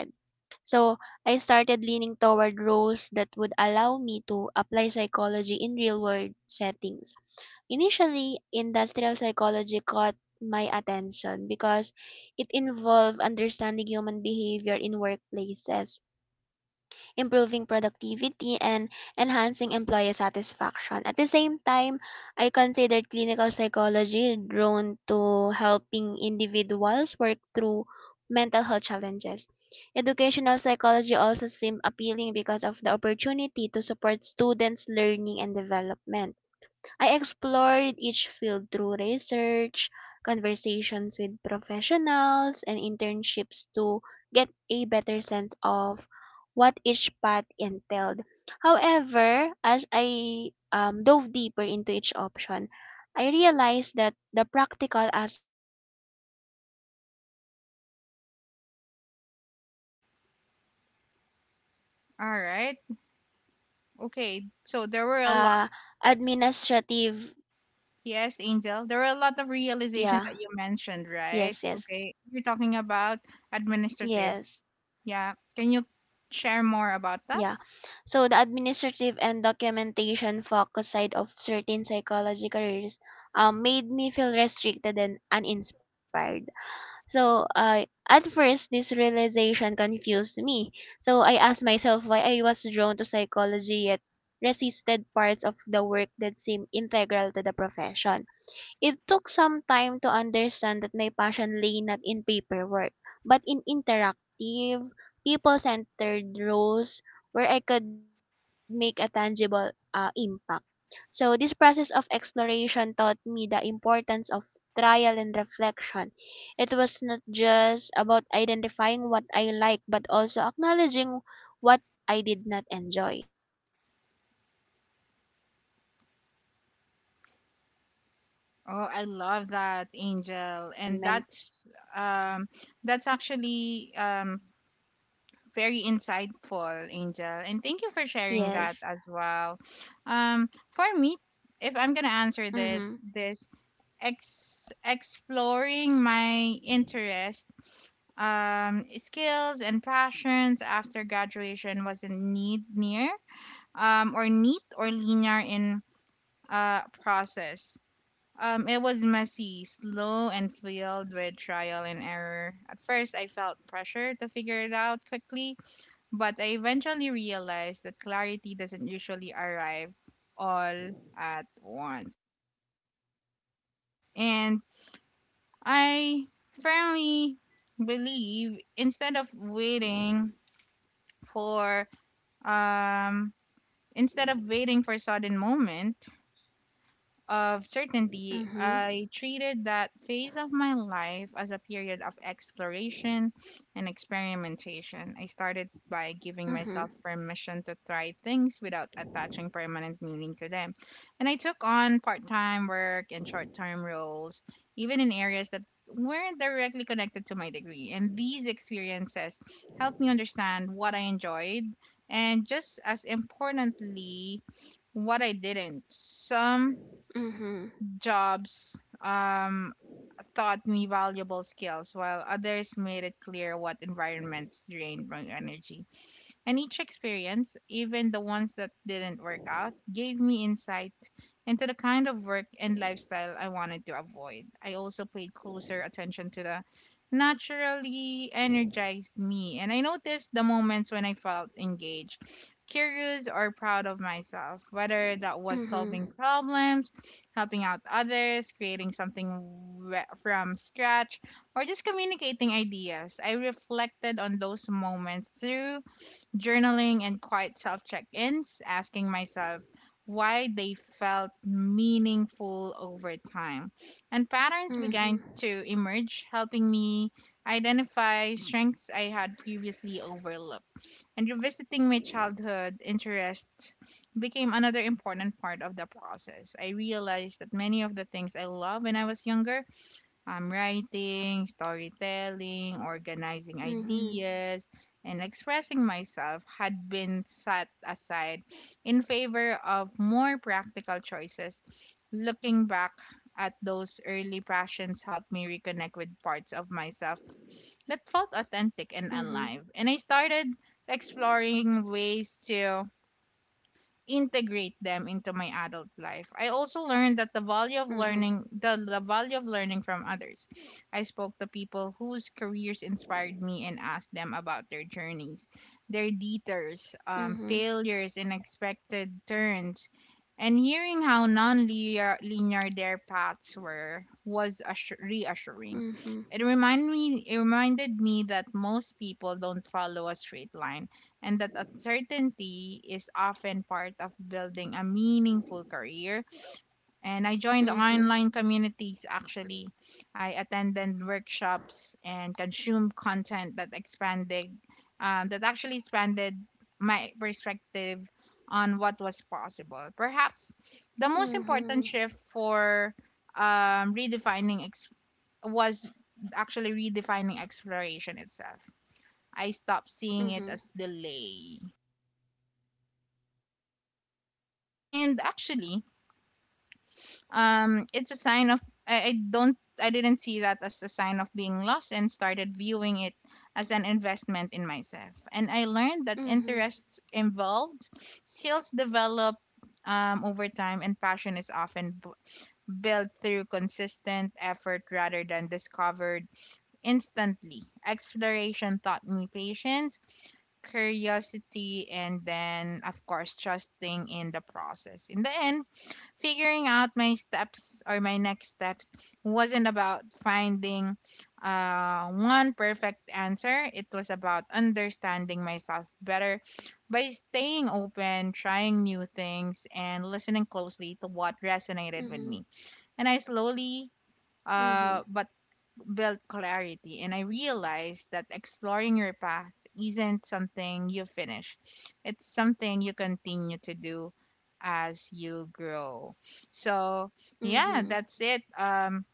[SPEAKER 2] So I started leaning toward roles that would allow me to apply psychology in real world settings. Initially, industrial psychology caught my attention because it involved understanding human behavior in workplaces, improving productivity, and enhancing employee satisfaction. At the same time, I considered clinical psychology, drawn to helping individuals work through mental health challenges. Educational psychology also seemed appealing because of the opportunity to support students' learning and development. I explored each field through research, conversations with professionals, and internships to get a better sense of what each path entailed. However, as I dove deeper into each option, I realized that the practical aspects of some roles, particularly those that were heavy on paperwork,
[SPEAKER 1] All
[SPEAKER 2] did
[SPEAKER 1] right.
[SPEAKER 2] not appeal to me.
[SPEAKER 1] Okay. So there were a,
[SPEAKER 2] The administrative.
[SPEAKER 1] yes, Angel. There are a lot of realization that you
[SPEAKER 2] Yeah.
[SPEAKER 1] mentioned, right?
[SPEAKER 2] Yes, yes,
[SPEAKER 1] Okay. You're talking about administrative.
[SPEAKER 2] yes.
[SPEAKER 1] Yeah. Can you share more about that?
[SPEAKER 2] Yeah. So the administrative and documentation focus side of certain psychology careers made me feel restricted and uninspired. So at first, this realization confused me. So I asked myself why I was drawn to psychology yet resisted parts of the work that seemed integral to the profession. It took some time to understand that my passion lay not in paperwork, but in interactive, people centered roles where I could make a tangible impact. So this process of exploration taught me the importance of trial and reflection. It was not just about identifying what I like, but also acknowledging what I did not enjoy. By testing different possibilities and observing my reactions, I began
[SPEAKER 1] Oh, I love
[SPEAKER 2] narrowing
[SPEAKER 1] that,
[SPEAKER 2] down the
[SPEAKER 1] Angel. And
[SPEAKER 2] environments.
[SPEAKER 1] um that's actually very insightful, Angel. And thank you for sharing that
[SPEAKER 2] Yes.
[SPEAKER 1] as well. For me, if I'm gonna answer that,
[SPEAKER 2] Mhm.
[SPEAKER 1] this exploring my interest, skills and passions after graduation wasn't need near or neat or linear in process. It was messy, slow, and filled with trial and error. At first, I felt pressure to figure it out quickly, but I eventually realized that clarity doesn't usually arrive all at once. And I firmly believe, for um instead of waiting for sudden moment of certainty,
[SPEAKER 2] Mhm.
[SPEAKER 1] I treated that phase of my life as a period of exploration and experimentation. I started by giving myself
[SPEAKER 2] Mhm.
[SPEAKER 1] permission to try things without attaching permanent meaning to them. And I took on part time work and short term roles, even in areas that weren't directly connected to my degree. And these experiences helped me understand what I enjoyed and, just as importantly, what I didn't. Some
[SPEAKER 2] Mhm.
[SPEAKER 1] jobs taught me valuable skills, while others made it clear what environments drained my energy. And each experience, even the ones that didn't work out, gave me insight into the kind of work and lifestyle I wanted to avoid. I also paid closer attention to the naturally energized me, and I noticed the moments when I felt engaged, curious, or proud of myself, whether that was
[SPEAKER 2] Mhm.
[SPEAKER 1] solving problems, helping out others, creating something from scratch, or just communicating ideas. I reflected on those moments through journaling and quiet self check ins, asking myself why they felt meaningful over time. And patterns began
[SPEAKER 2] Mhm.
[SPEAKER 1] to emerge, helping me identify strengths I had previously overlooked. And revisiting my childhood interests became another important part of the process. I realized that many of the things I loved when I was younger writing, storytelling, organizing
[SPEAKER 2] Mhm.
[SPEAKER 1] ideas, and expressing myself had been set aside in favor of more practical choices. Looking back at those early passions helped me reconnect with parts of myself that felt authentic and
[SPEAKER 2] Mhm.
[SPEAKER 1] alive. And I started exploring ways to integrate them into my adult life. I also learned that the value of learning
[SPEAKER 2] Mhm.
[SPEAKER 1] the value of learning from others. I spoke to people whose careers inspired me and asked them about their journeys, their detours,
[SPEAKER 2] Mhm.
[SPEAKER 1] failures and expected turns. And hearing how non-linear linear their paths were was reassuring.
[SPEAKER 2] Mhm.
[SPEAKER 1] It reminded me that most people don't follow a straight line and that uncertainty is often part of building a meaningful career. And I joined
[SPEAKER 2] Mhm.
[SPEAKER 1] online communities actually. I attended workshops and consumed content that expanded, that actually expanded my perspective on what was possible. Perhaps the most important
[SPEAKER 2] Mhm.
[SPEAKER 1] shift um, redefining ex- was actually redefining exploration itself. I stopped seeing
[SPEAKER 2] Mhm.
[SPEAKER 1] it as delay and actually it's a sign of I don't I didn't see that as a sign of being lost and started viewing it as an investment in myself. And I learned that
[SPEAKER 2] Mhm.
[SPEAKER 1] interests involved skills develop over time, and passion is often built through consistent effort rather than discovered instantly. Exploration taught me patience, curiosity, and then, of course, trusting in the process. In the end, figuring out my steps or my next steps wasn't about finding one perfect answer. It was about understanding myself better by staying open, trying new things, and listening closely to what resonated
[SPEAKER 2] Mhm.
[SPEAKER 1] with me. And I slowly,
[SPEAKER 2] Mhm.
[SPEAKER 1] but build clarity. And I realized that exploring your path isn't something you finish. It's something you continue to do as you grow. So, yeah,
[SPEAKER 2] Mhm.
[SPEAKER 1] that's it.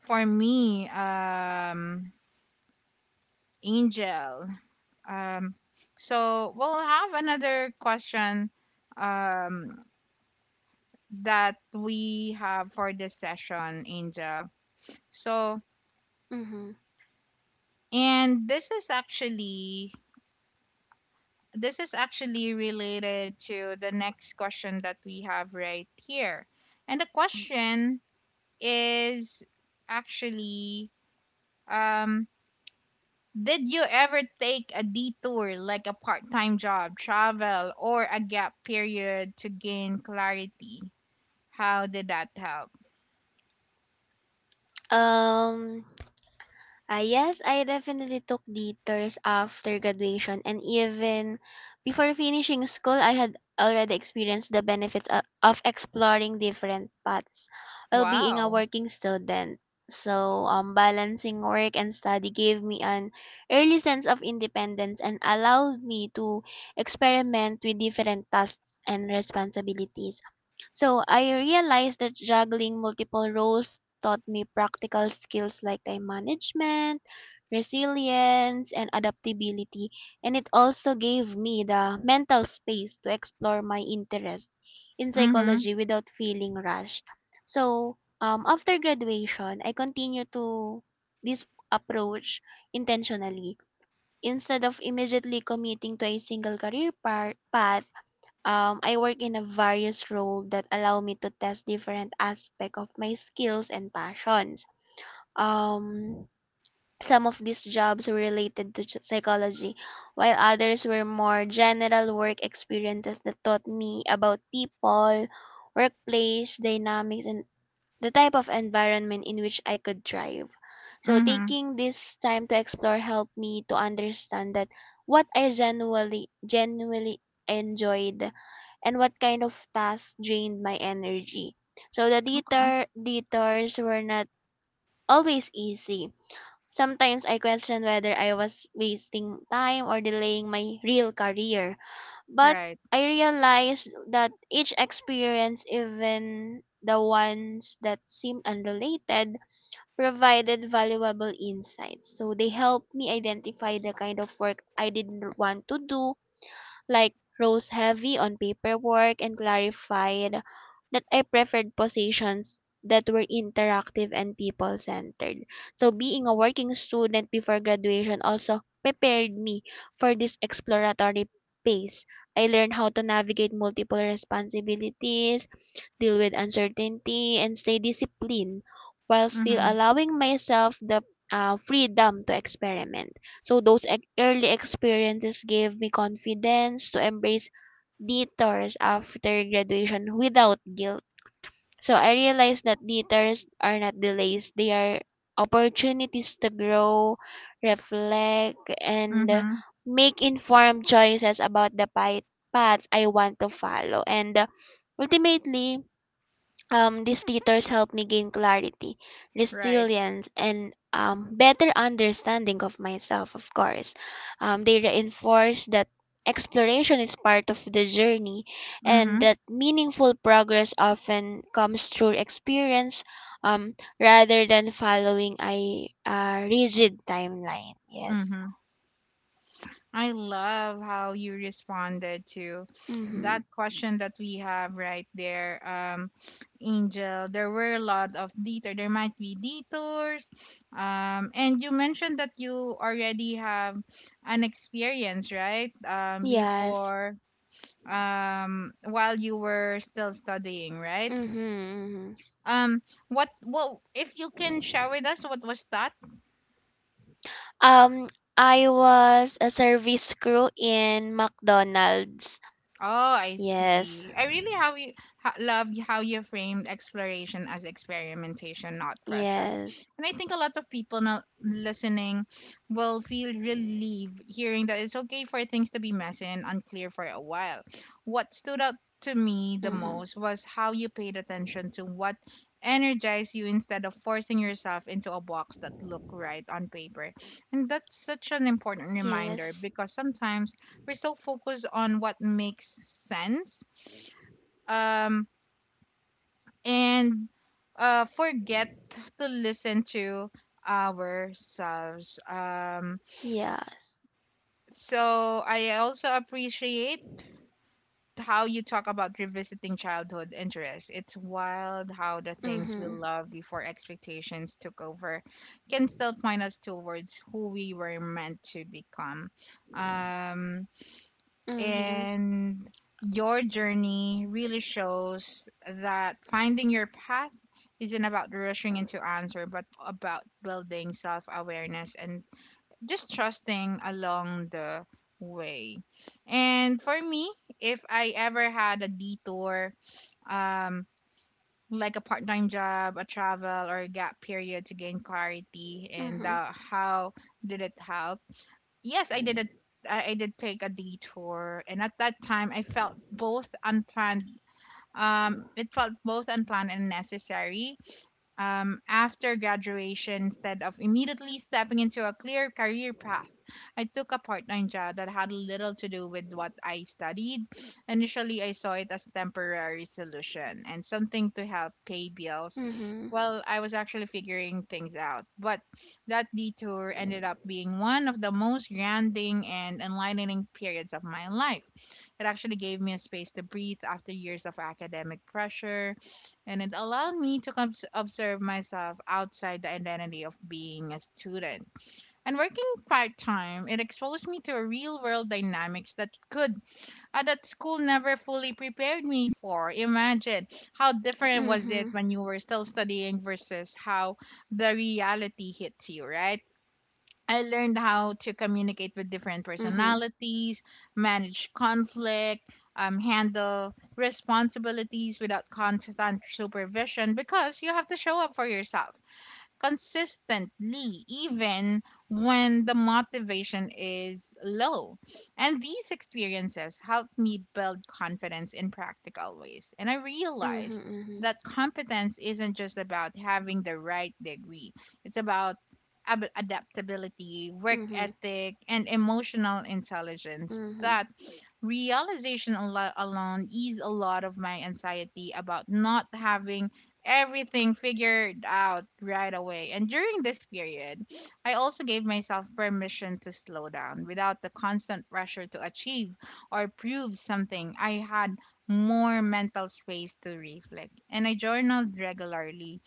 [SPEAKER 1] for me, um Angel. Um so we'll have another question um that we have for this session, Angel. So,
[SPEAKER 2] Mhm.
[SPEAKER 1] and this is actually related to the next question that we have right here. And the question is actually um, did you ever take a detour, like a part time job, travel, or a gap period to gain clarity? How did that help?
[SPEAKER 2] Um, yes, I definitely took the tours after graduation, and even before finishing school, I had already experienced the benefits of exploring different paths while being a
[SPEAKER 1] Wow.
[SPEAKER 2] working student. So, balancing work and study gave me an early sense of independence and allowed me to experiment with different tasks and responsibilities. So I realized that juggling multiple roles taught me practical skills like time management, resilience, and adaptability. And it also gave me the mental space to explore my interest in
[SPEAKER 1] Mm hmm.
[SPEAKER 2] psychology without feeling rushed. So after graduation, I continued to this approach intentionally. Instead of immediately committing to a single career path, I work in a various role that allow me to test different aspects of my skills and passions. Um, some of these jobs were related to psychology, while others were more general work experiences that taught me about people, workplace dynamics, and the type of environment in which I could thrive. So
[SPEAKER 1] Mm hmm.
[SPEAKER 2] taking this time to explore helped me to understand that what I genuinely enjoyed and what kind of tasks drained my energy. So the
[SPEAKER 1] Okay.
[SPEAKER 2] detours were not always easy. Sometimes I questioned whether I was wasting time or delaying my real career. But
[SPEAKER 1] Right.
[SPEAKER 2] I realized that each experience, even the ones that seemed unrelated, provided valuable insights. So they helped me identify the kind of work I didn't want to do, like rose heavy on paperwork, and clarified that I preferred positions that were interactive and people centered. So being a working student before graduation also prepared me for this exploratory phase. I learned how to navigate multiple responsibilities, deal with uncertainty, and stay disciplined while
[SPEAKER 1] Mm
[SPEAKER 2] still
[SPEAKER 1] hmm.
[SPEAKER 2] allowing myself the freedom to experiment. So those early experiences gave me confidence to embrace detours after graduation without guilt. So I realized that detours are not delays, they are opportunities to grow, reflect,
[SPEAKER 1] Mm
[SPEAKER 2] and
[SPEAKER 1] hmm.
[SPEAKER 2] make informed choices about the path I want to follow. And ultimately, these tutors helped me gain clarity,
[SPEAKER 1] Right.
[SPEAKER 2] resilience, and better understanding of myself, of course. They reinforce that exploration is part of the journey
[SPEAKER 1] Mm
[SPEAKER 2] and
[SPEAKER 1] hmm.
[SPEAKER 2] that meaningful progress often comes through experience um, rather than following a rigid timeline. Yes.
[SPEAKER 1] Mm hmm. I love how you responded to
[SPEAKER 2] Mm-hmm.
[SPEAKER 1] that question that we have right there, Angel. There were a lot of detour. There might be detours, and you mentioned that you already have an experience, right?
[SPEAKER 2] Yes.
[SPEAKER 1] Before, while you were still studying, right?
[SPEAKER 2] Mm-hmm. Mm-hmm.
[SPEAKER 1] Um, if you can share with us, what was that?
[SPEAKER 2] Um, I was a service crew in McDonald's.
[SPEAKER 1] Oh, I
[SPEAKER 2] Yes.
[SPEAKER 1] see. I really love how you framed exploration as experimentation, not pressure.
[SPEAKER 2] Yes.
[SPEAKER 1] And I think a lot of people now listening will feel relieved hearing that it's okay for things to be messy and unclear for a while. What stood out to me the
[SPEAKER 2] Mhm.
[SPEAKER 1] most was how you paid attention to what energized you instead of forcing yourself into a box that looked right on paper. And that's such an important reminder,
[SPEAKER 2] Yes.
[SPEAKER 1] because sometimes we're so focused on what makes sense um, and forget to listen to ourselves.
[SPEAKER 2] Yes.
[SPEAKER 1] So I also appreciate how you talk about revisiting childhood interests. It's wild how the
[SPEAKER 2] Mhm.
[SPEAKER 1] things we loved before expectations took over can still point us towards who we were meant to become. Um,
[SPEAKER 2] Mhm.
[SPEAKER 1] and your journey really shows that finding your path isn't about rushing into answer, but about building self-awareness and just trusting along the way. And for me, if I ever had a detour, um like a part-time job, a travel, or a
[SPEAKER 2] Mhm.
[SPEAKER 1] gap period to gain clarity, and how did it help? Yes, I did take a detour, and at that time I felt both unplanned. It felt both unplanned and necessary, after graduation. Instead of immediately stepping into a clear career path, I took a part time job that had little to do with what I studied. Initially, I saw it as a temporary solution, and something to help pay
[SPEAKER 2] Mhm.
[SPEAKER 1] bills while I was actually figuring things out. But that detour ended up being one of the most grounding and enlightening periods of my life. It actually gave me a space to breathe after years of academic pressure, and it allowed me to observe myself outside the identity of being a student. And working part time, it exposed me to real world dynamics that could that school never fully prepared me for. Imagine how different
[SPEAKER 2] Mhm.
[SPEAKER 1] was it when you were still studying versus how the reality hits you, right? I learned how to
[SPEAKER 2] Mhm.
[SPEAKER 1] communicate with different personalities, manage conflict, handle responsibilities without constant supervision, because you have to show up for yourself consistently, even when the motivation is low. And these experiences helped me build confidence in practical ways. And I realized that
[SPEAKER 2] Mhm.
[SPEAKER 1] competence isn't just about having the right degree, it's about
[SPEAKER 2] Mhm.
[SPEAKER 1] adaptability, work ethic, and emotional intelligence. That alone eased a lot of my anxiety about not having everything figured out right away. And during this period, I also gave myself permission to slow down without the constant pressure to achieve or prove something. I had more mental space to reflect, and I journaled regularly,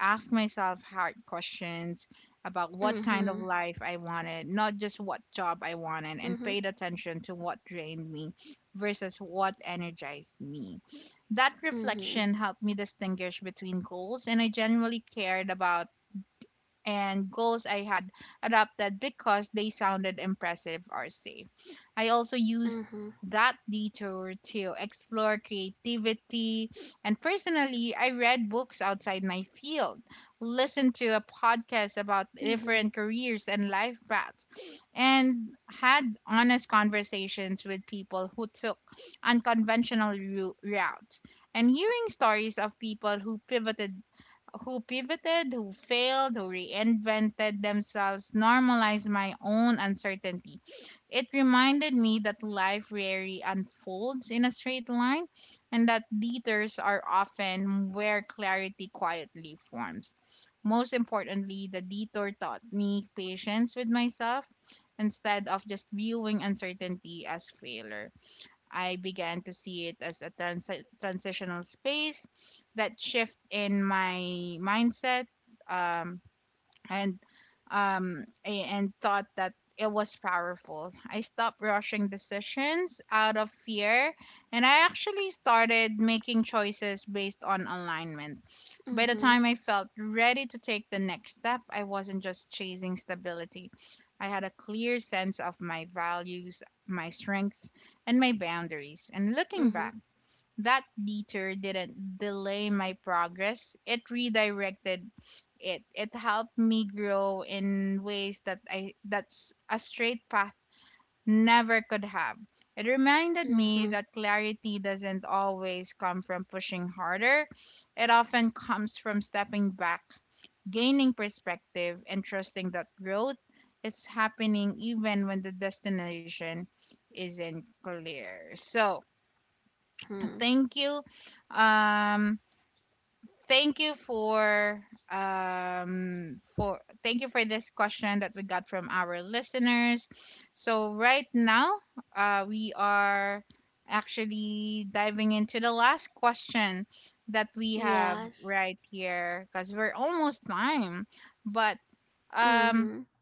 [SPEAKER 1] ask myself hard
[SPEAKER 2] Mhm. Mhm.
[SPEAKER 1] questions about what kind of life I wanted, not just what job I wanted, and paid attention to what drained me versus what energized me. That
[SPEAKER 2] Mhm.
[SPEAKER 1] reflection
[SPEAKER 2] Mhm.
[SPEAKER 1] helped me distinguish between goals, and I genuinely cared about and goals I had adopted because they sounded impressive or safe. I also used
[SPEAKER 2] Mhm.
[SPEAKER 1] that detour to explore creativity, and personally I read books outside my field, listened to a
[SPEAKER 2] Mhm.
[SPEAKER 1] podcast about different careers and life paths, and had honest conversations with people who took unconventional routes. And hearing stories of people who pivoted, who failed, who reinvented themselves normalized my own uncertainty. It reminded me that life rarely unfolds in a straight line and that detours are often where clarity quietly forms. Most importantly, the detour taught me patience with myself instead of just viewing uncertainty as failure. I began to see it as a transitional space. That shift in my mindset, um, and and thought that it was powerful. I stopped rushing decisions out of fear, and I actually started making choices based on alignment. By the time I
[SPEAKER 2] Mhm.
[SPEAKER 1] felt ready to take the next step, I wasn't just chasing stability. I had a clear sense of my values, my strengths, and my boundaries. And looking back,
[SPEAKER 2] Mhm.
[SPEAKER 1] that detour didn't delay my progress, it redirected it. It helped me grow in ways that I that's a straight path never could have. It reminded me
[SPEAKER 2] Mhm.
[SPEAKER 1] that clarity doesn't always come from pushing harder. It often comes from stepping back, gaining perspective, and trusting that growth is happening even when the destination isn't clear. So,
[SPEAKER 2] Mhm.
[SPEAKER 1] thank you. Um thank you for Thank you for this question that we got from our listeners. So right now, we are actually diving into the last question that we have
[SPEAKER 2] Yes.
[SPEAKER 1] right here, because we're almost time. But um
[SPEAKER 2] Mhm.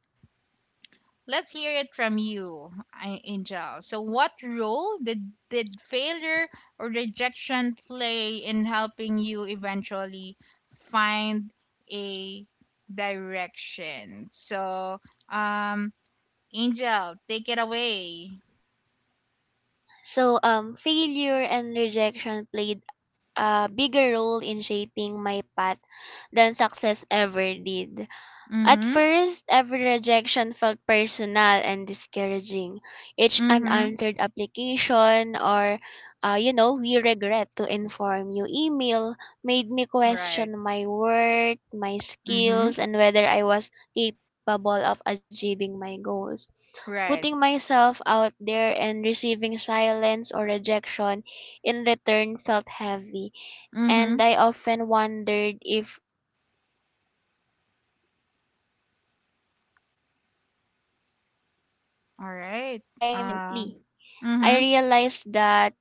[SPEAKER 1] Let's hear it from you, Angel. So, what role did failure or rejection play in helping you eventually find a direction? So, um, Angel, take it away.
[SPEAKER 2] So failure and rejection played a bigger role in shaping my path than success ever did. At
[SPEAKER 1] Mm-hmm.
[SPEAKER 2] first, every rejection felt personal and discouraging. Each
[SPEAKER 1] Mm-hmm.
[SPEAKER 2] unanswered application, or, we regret to inform you email, made me
[SPEAKER 1] Right.
[SPEAKER 2] question my worth, my
[SPEAKER 1] Mm-hmm.
[SPEAKER 2] skills, and whether I was capable of achieving my goals. Putting
[SPEAKER 1] Right.
[SPEAKER 2] myself out there and receiving silence or rejection in return felt heavy, and
[SPEAKER 1] Mm-hmm.
[SPEAKER 2] I often wondered if I was doing something wrong, but over time, I started to see
[SPEAKER 1] All
[SPEAKER 2] rejection
[SPEAKER 1] right. Uh,
[SPEAKER 2] differently. I
[SPEAKER 1] mm-hmm.
[SPEAKER 2] realized that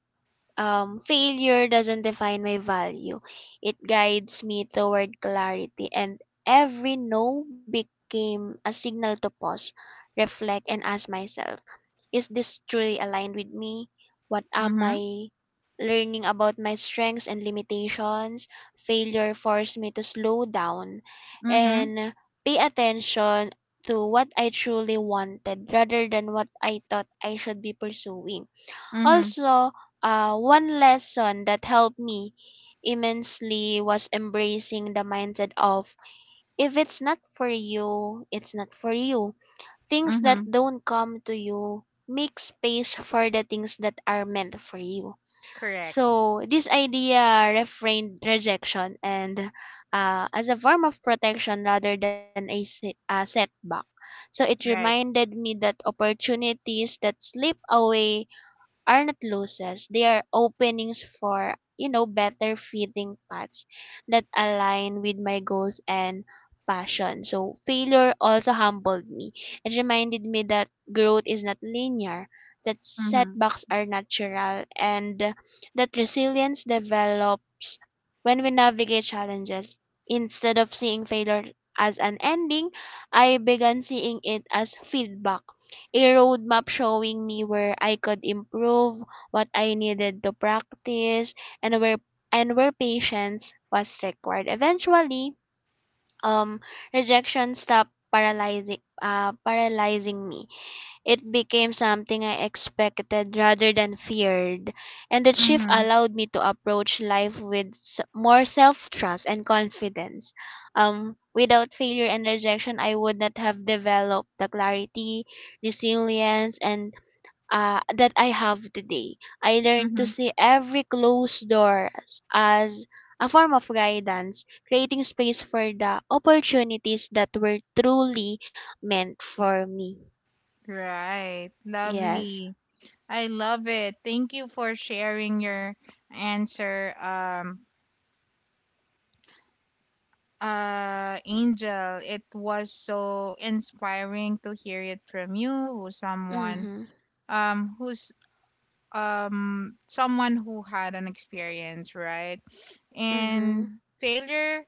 [SPEAKER 2] failure doesn't define my value. It guides me toward clarity, and every no became a signal to pause, reflect, and ask myself, is this truly aligned with me? What am
[SPEAKER 1] Mm-hmm.
[SPEAKER 2] I learning about my strengths and limitations? Failure forced me to slow down
[SPEAKER 1] Mm-hmm.
[SPEAKER 2] and pay attention to what I truly wanted rather than what I thought I should be pursuing.
[SPEAKER 1] Mm-hmm.
[SPEAKER 2] Also, one lesson that helped me immensely was embracing the mindset of if it's not for you, it's not for you. Things that
[SPEAKER 1] Mm-hmm.
[SPEAKER 2] don't come to you make space for the things that are meant for you.
[SPEAKER 1] Correct.
[SPEAKER 2] So, this idea refrained rejection, and as a form of protection rather than a setback. So, it
[SPEAKER 1] Right.
[SPEAKER 2] reminded me that opportunities that slip away are not losses. They are openings for, better fitting paths that align with my goals and passion. So failure also humbled me. It reminded me that growth is not linear, that
[SPEAKER 1] Mm-hmm.
[SPEAKER 2] setbacks are natural, and that resilience develops when we navigate challenges. Instead of seeing failure as an ending, I began seeing it as feedback, a roadmap showing me where I could improve, what I needed to practice, and where patience was required. Eventually, um, rejection stopped paralyzing me. It became something I expected rather than feared, and the shift
[SPEAKER 1] Mm-hmm.
[SPEAKER 2] allowed me to approach life with more self trust and confidence. Without failure and rejection, I would not have developed the clarity, resilience, and that I have today. I learned to
[SPEAKER 1] Mm-hmm.
[SPEAKER 2] see every closed door as a form of guidance, creating space for the opportunities that were truly meant for me.
[SPEAKER 1] Right.
[SPEAKER 2] Yes.
[SPEAKER 1] Lovely. I love it. Thank you for sharing your answer. Um, Angel, it was so inspiring to hear it from you, who someone
[SPEAKER 2] Mhm.
[SPEAKER 1] who's someone who had an experience, right?
[SPEAKER 2] Mhm.
[SPEAKER 1] And failure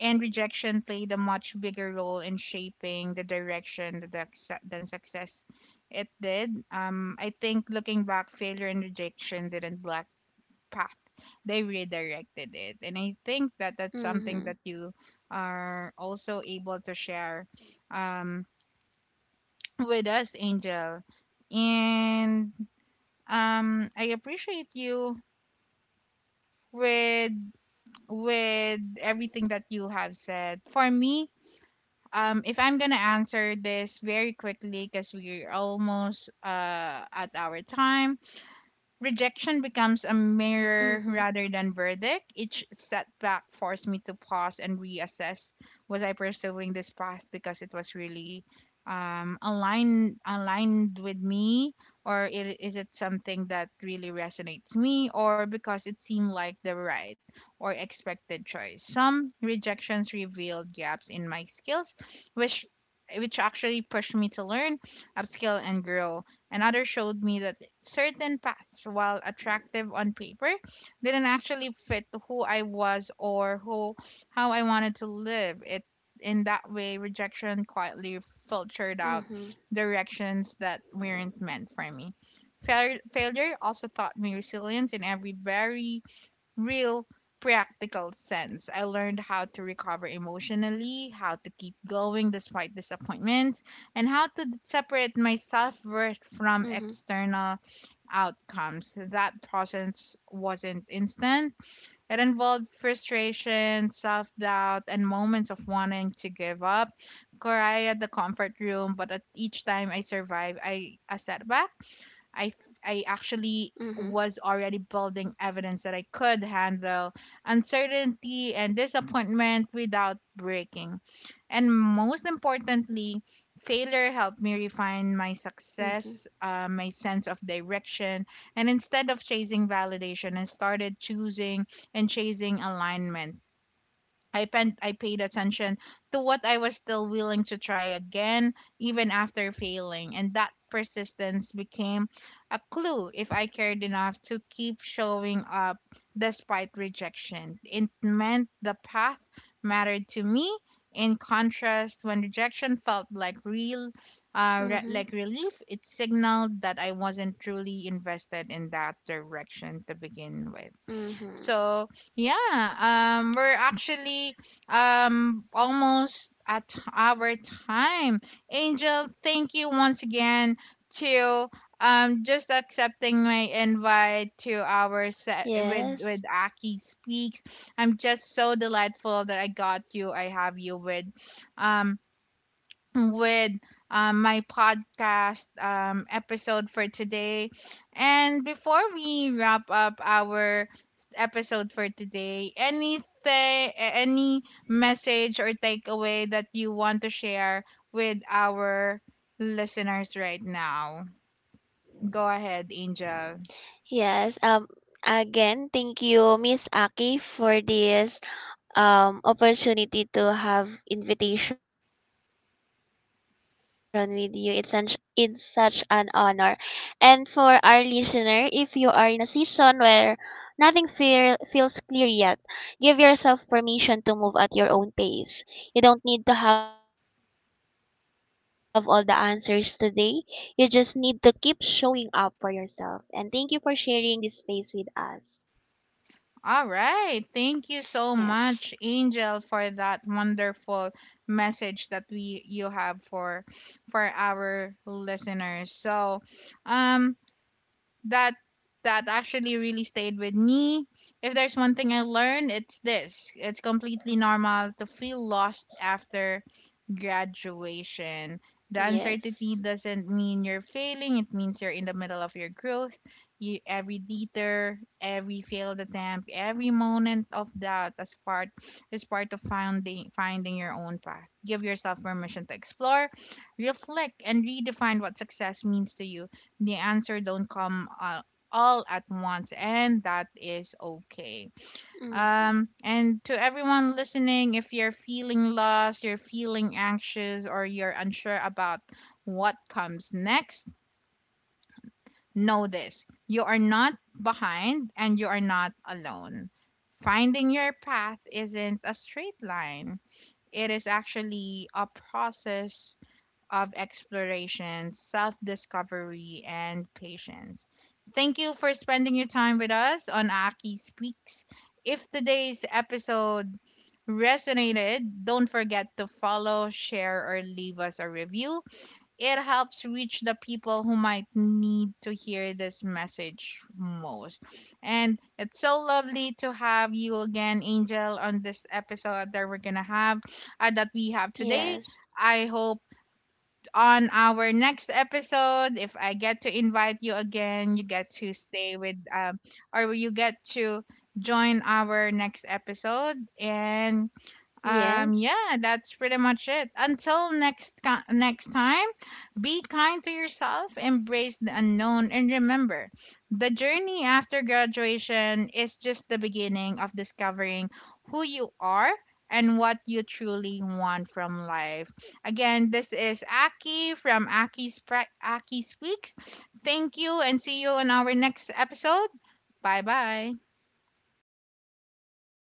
[SPEAKER 1] and rejection played a much bigger role in shaping the direction than success it did. I think looking back, failure and rejection didn't block path; they redirected it, and I think that
[SPEAKER 2] Mhm.
[SPEAKER 1] that's something that you are also able to share um, with us, Angel. And I appreciate you with everything that you have said. For me, if I'm gonna answer this very quickly, because we're almost at our time,
[SPEAKER 2] Mhm.
[SPEAKER 1] rejection becomes a mirror rather than verdict. Each setback forced me to pause and reassess, was I pursuing this path because it was really aligned with me, or is it something that really resonates me, or because it seemed like the right or expected choice? Some rejections revealed gaps in my skills which which actually pushed me to learn, upskill and grow. Another showed me that certain paths, while attractive on paper, didn't actually fit who I was, or who how I wanted to live. It In that
[SPEAKER 2] Mhm.
[SPEAKER 1] way, rejection quietly filtered out directions that weren't meant for me. Failure also taught me resilience in every very real, practical sense. I learned how to recover emotionally, how to keep going despite disappointments, and how to
[SPEAKER 2] Mhm.
[SPEAKER 1] separate my self worth from external outcomes. That process wasn't instant, it involved frustration, self doubt, and moments of wanting to give up. Cry at the comfort room, but at each time I survived a setback, I, I
[SPEAKER 2] Mhm.
[SPEAKER 1] actually was already building evidence that I could handle uncertainty and disappointment without breaking. And most
[SPEAKER 2] Mhm.
[SPEAKER 1] importantly, failure helped me refine my my sense of direction, and instead of chasing validation, I started choosing and chasing alignment. I paid attention to what I was still willing to try again, even after failing, and that persistence became a clue. If I cared enough to keep showing up despite rejection, it meant the path mattered to me. In contrast,
[SPEAKER 2] Mhm.
[SPEAKER 1] when rejection felt like real, like relief, it signaled that I wasn't truly invested in that direction to begin with.
[SPEAKER 2] Mhm.
[SPEAKER 1] So yeah, we're actually almost at our time. Angel, thank you once again to just accepting my invite to our
[SPEAKER 2] Yes.
[SPEAKER 1] set with Aki Speaks. I'm just so delightful that I got you. I have you with um with my podcast episode for today. And before we wrap up our episode for today, anything, any message or takeaway that you want to share with our listeners right now? Go ahead,
[SPEAKER 2] Yes.
[SPEAKER 1] Angel.
[SPEAKER 2] Again, thank you, Miss Aki, for this opportunity to have invitation with you. It's such an honor. And for our listener, if you are in a season where nothing feels clear yet, give yourself permission to move at your own pace. You don't need to have all the answers today. You just need to keep showing up for yourself. And thank you for sharing this space with us.
[SPEAKER 1] All right. Thank you
[SPEAKER 2] Yes.
[SPEAKER 1] so much, Angel, for that wonderful message that we you have for our listeners. So, um that that actually really stayed with me. If there's one thing I learned, it's this. It's completely normal to feel lost after graduation. The
[SPEAKER 2] Yes.
[SPEAKER 1] uncertainty doesn't mean you're failing, it means you're in the middle of your growth. You, every detour, every failed attempt, every moment of doubt as part is part of finding your own path. Give yourself permission to explore, reflect, and redefine what success means to you. The answer don't come all at once, and that is okay.
[SPEAKER 2] Mm-hmm.
[SPEAKER 1] And to everyone listening, if you're feeling lost, you're feeling anxious, or you're unsure about what comes next, know this: you are not behind and you are not alone. Finding your path isn't a straight line, it is actually a process of exploration, self discovery, and patience. Thank you for spending your time with us on Aki Speaks. If today's episode resonated, don't forget to follow, share, or leave us a review. It helps reach the people who might need to hear this message most. And it's so lovely to have you again, Angel, on this episode that we're gonna have that we have today.
[SPEAKER 2] Yes.
[SPEAKER 1] I hope on our next episode, if I get to invite you again, you get to stay with, or you get to join our next episode. And
[SPEAKER 2] Yes.
[SPEAKER 1] yeah, that's pretty much it. Until next time, be kind to yourself, embrace the unknown, and remember, the journey after graduation is just the beginning of discovering who you are and what you truly want from life. Again, this is Aki from Aki Speaks. Thank you, and see you on our next episode. Bye bye.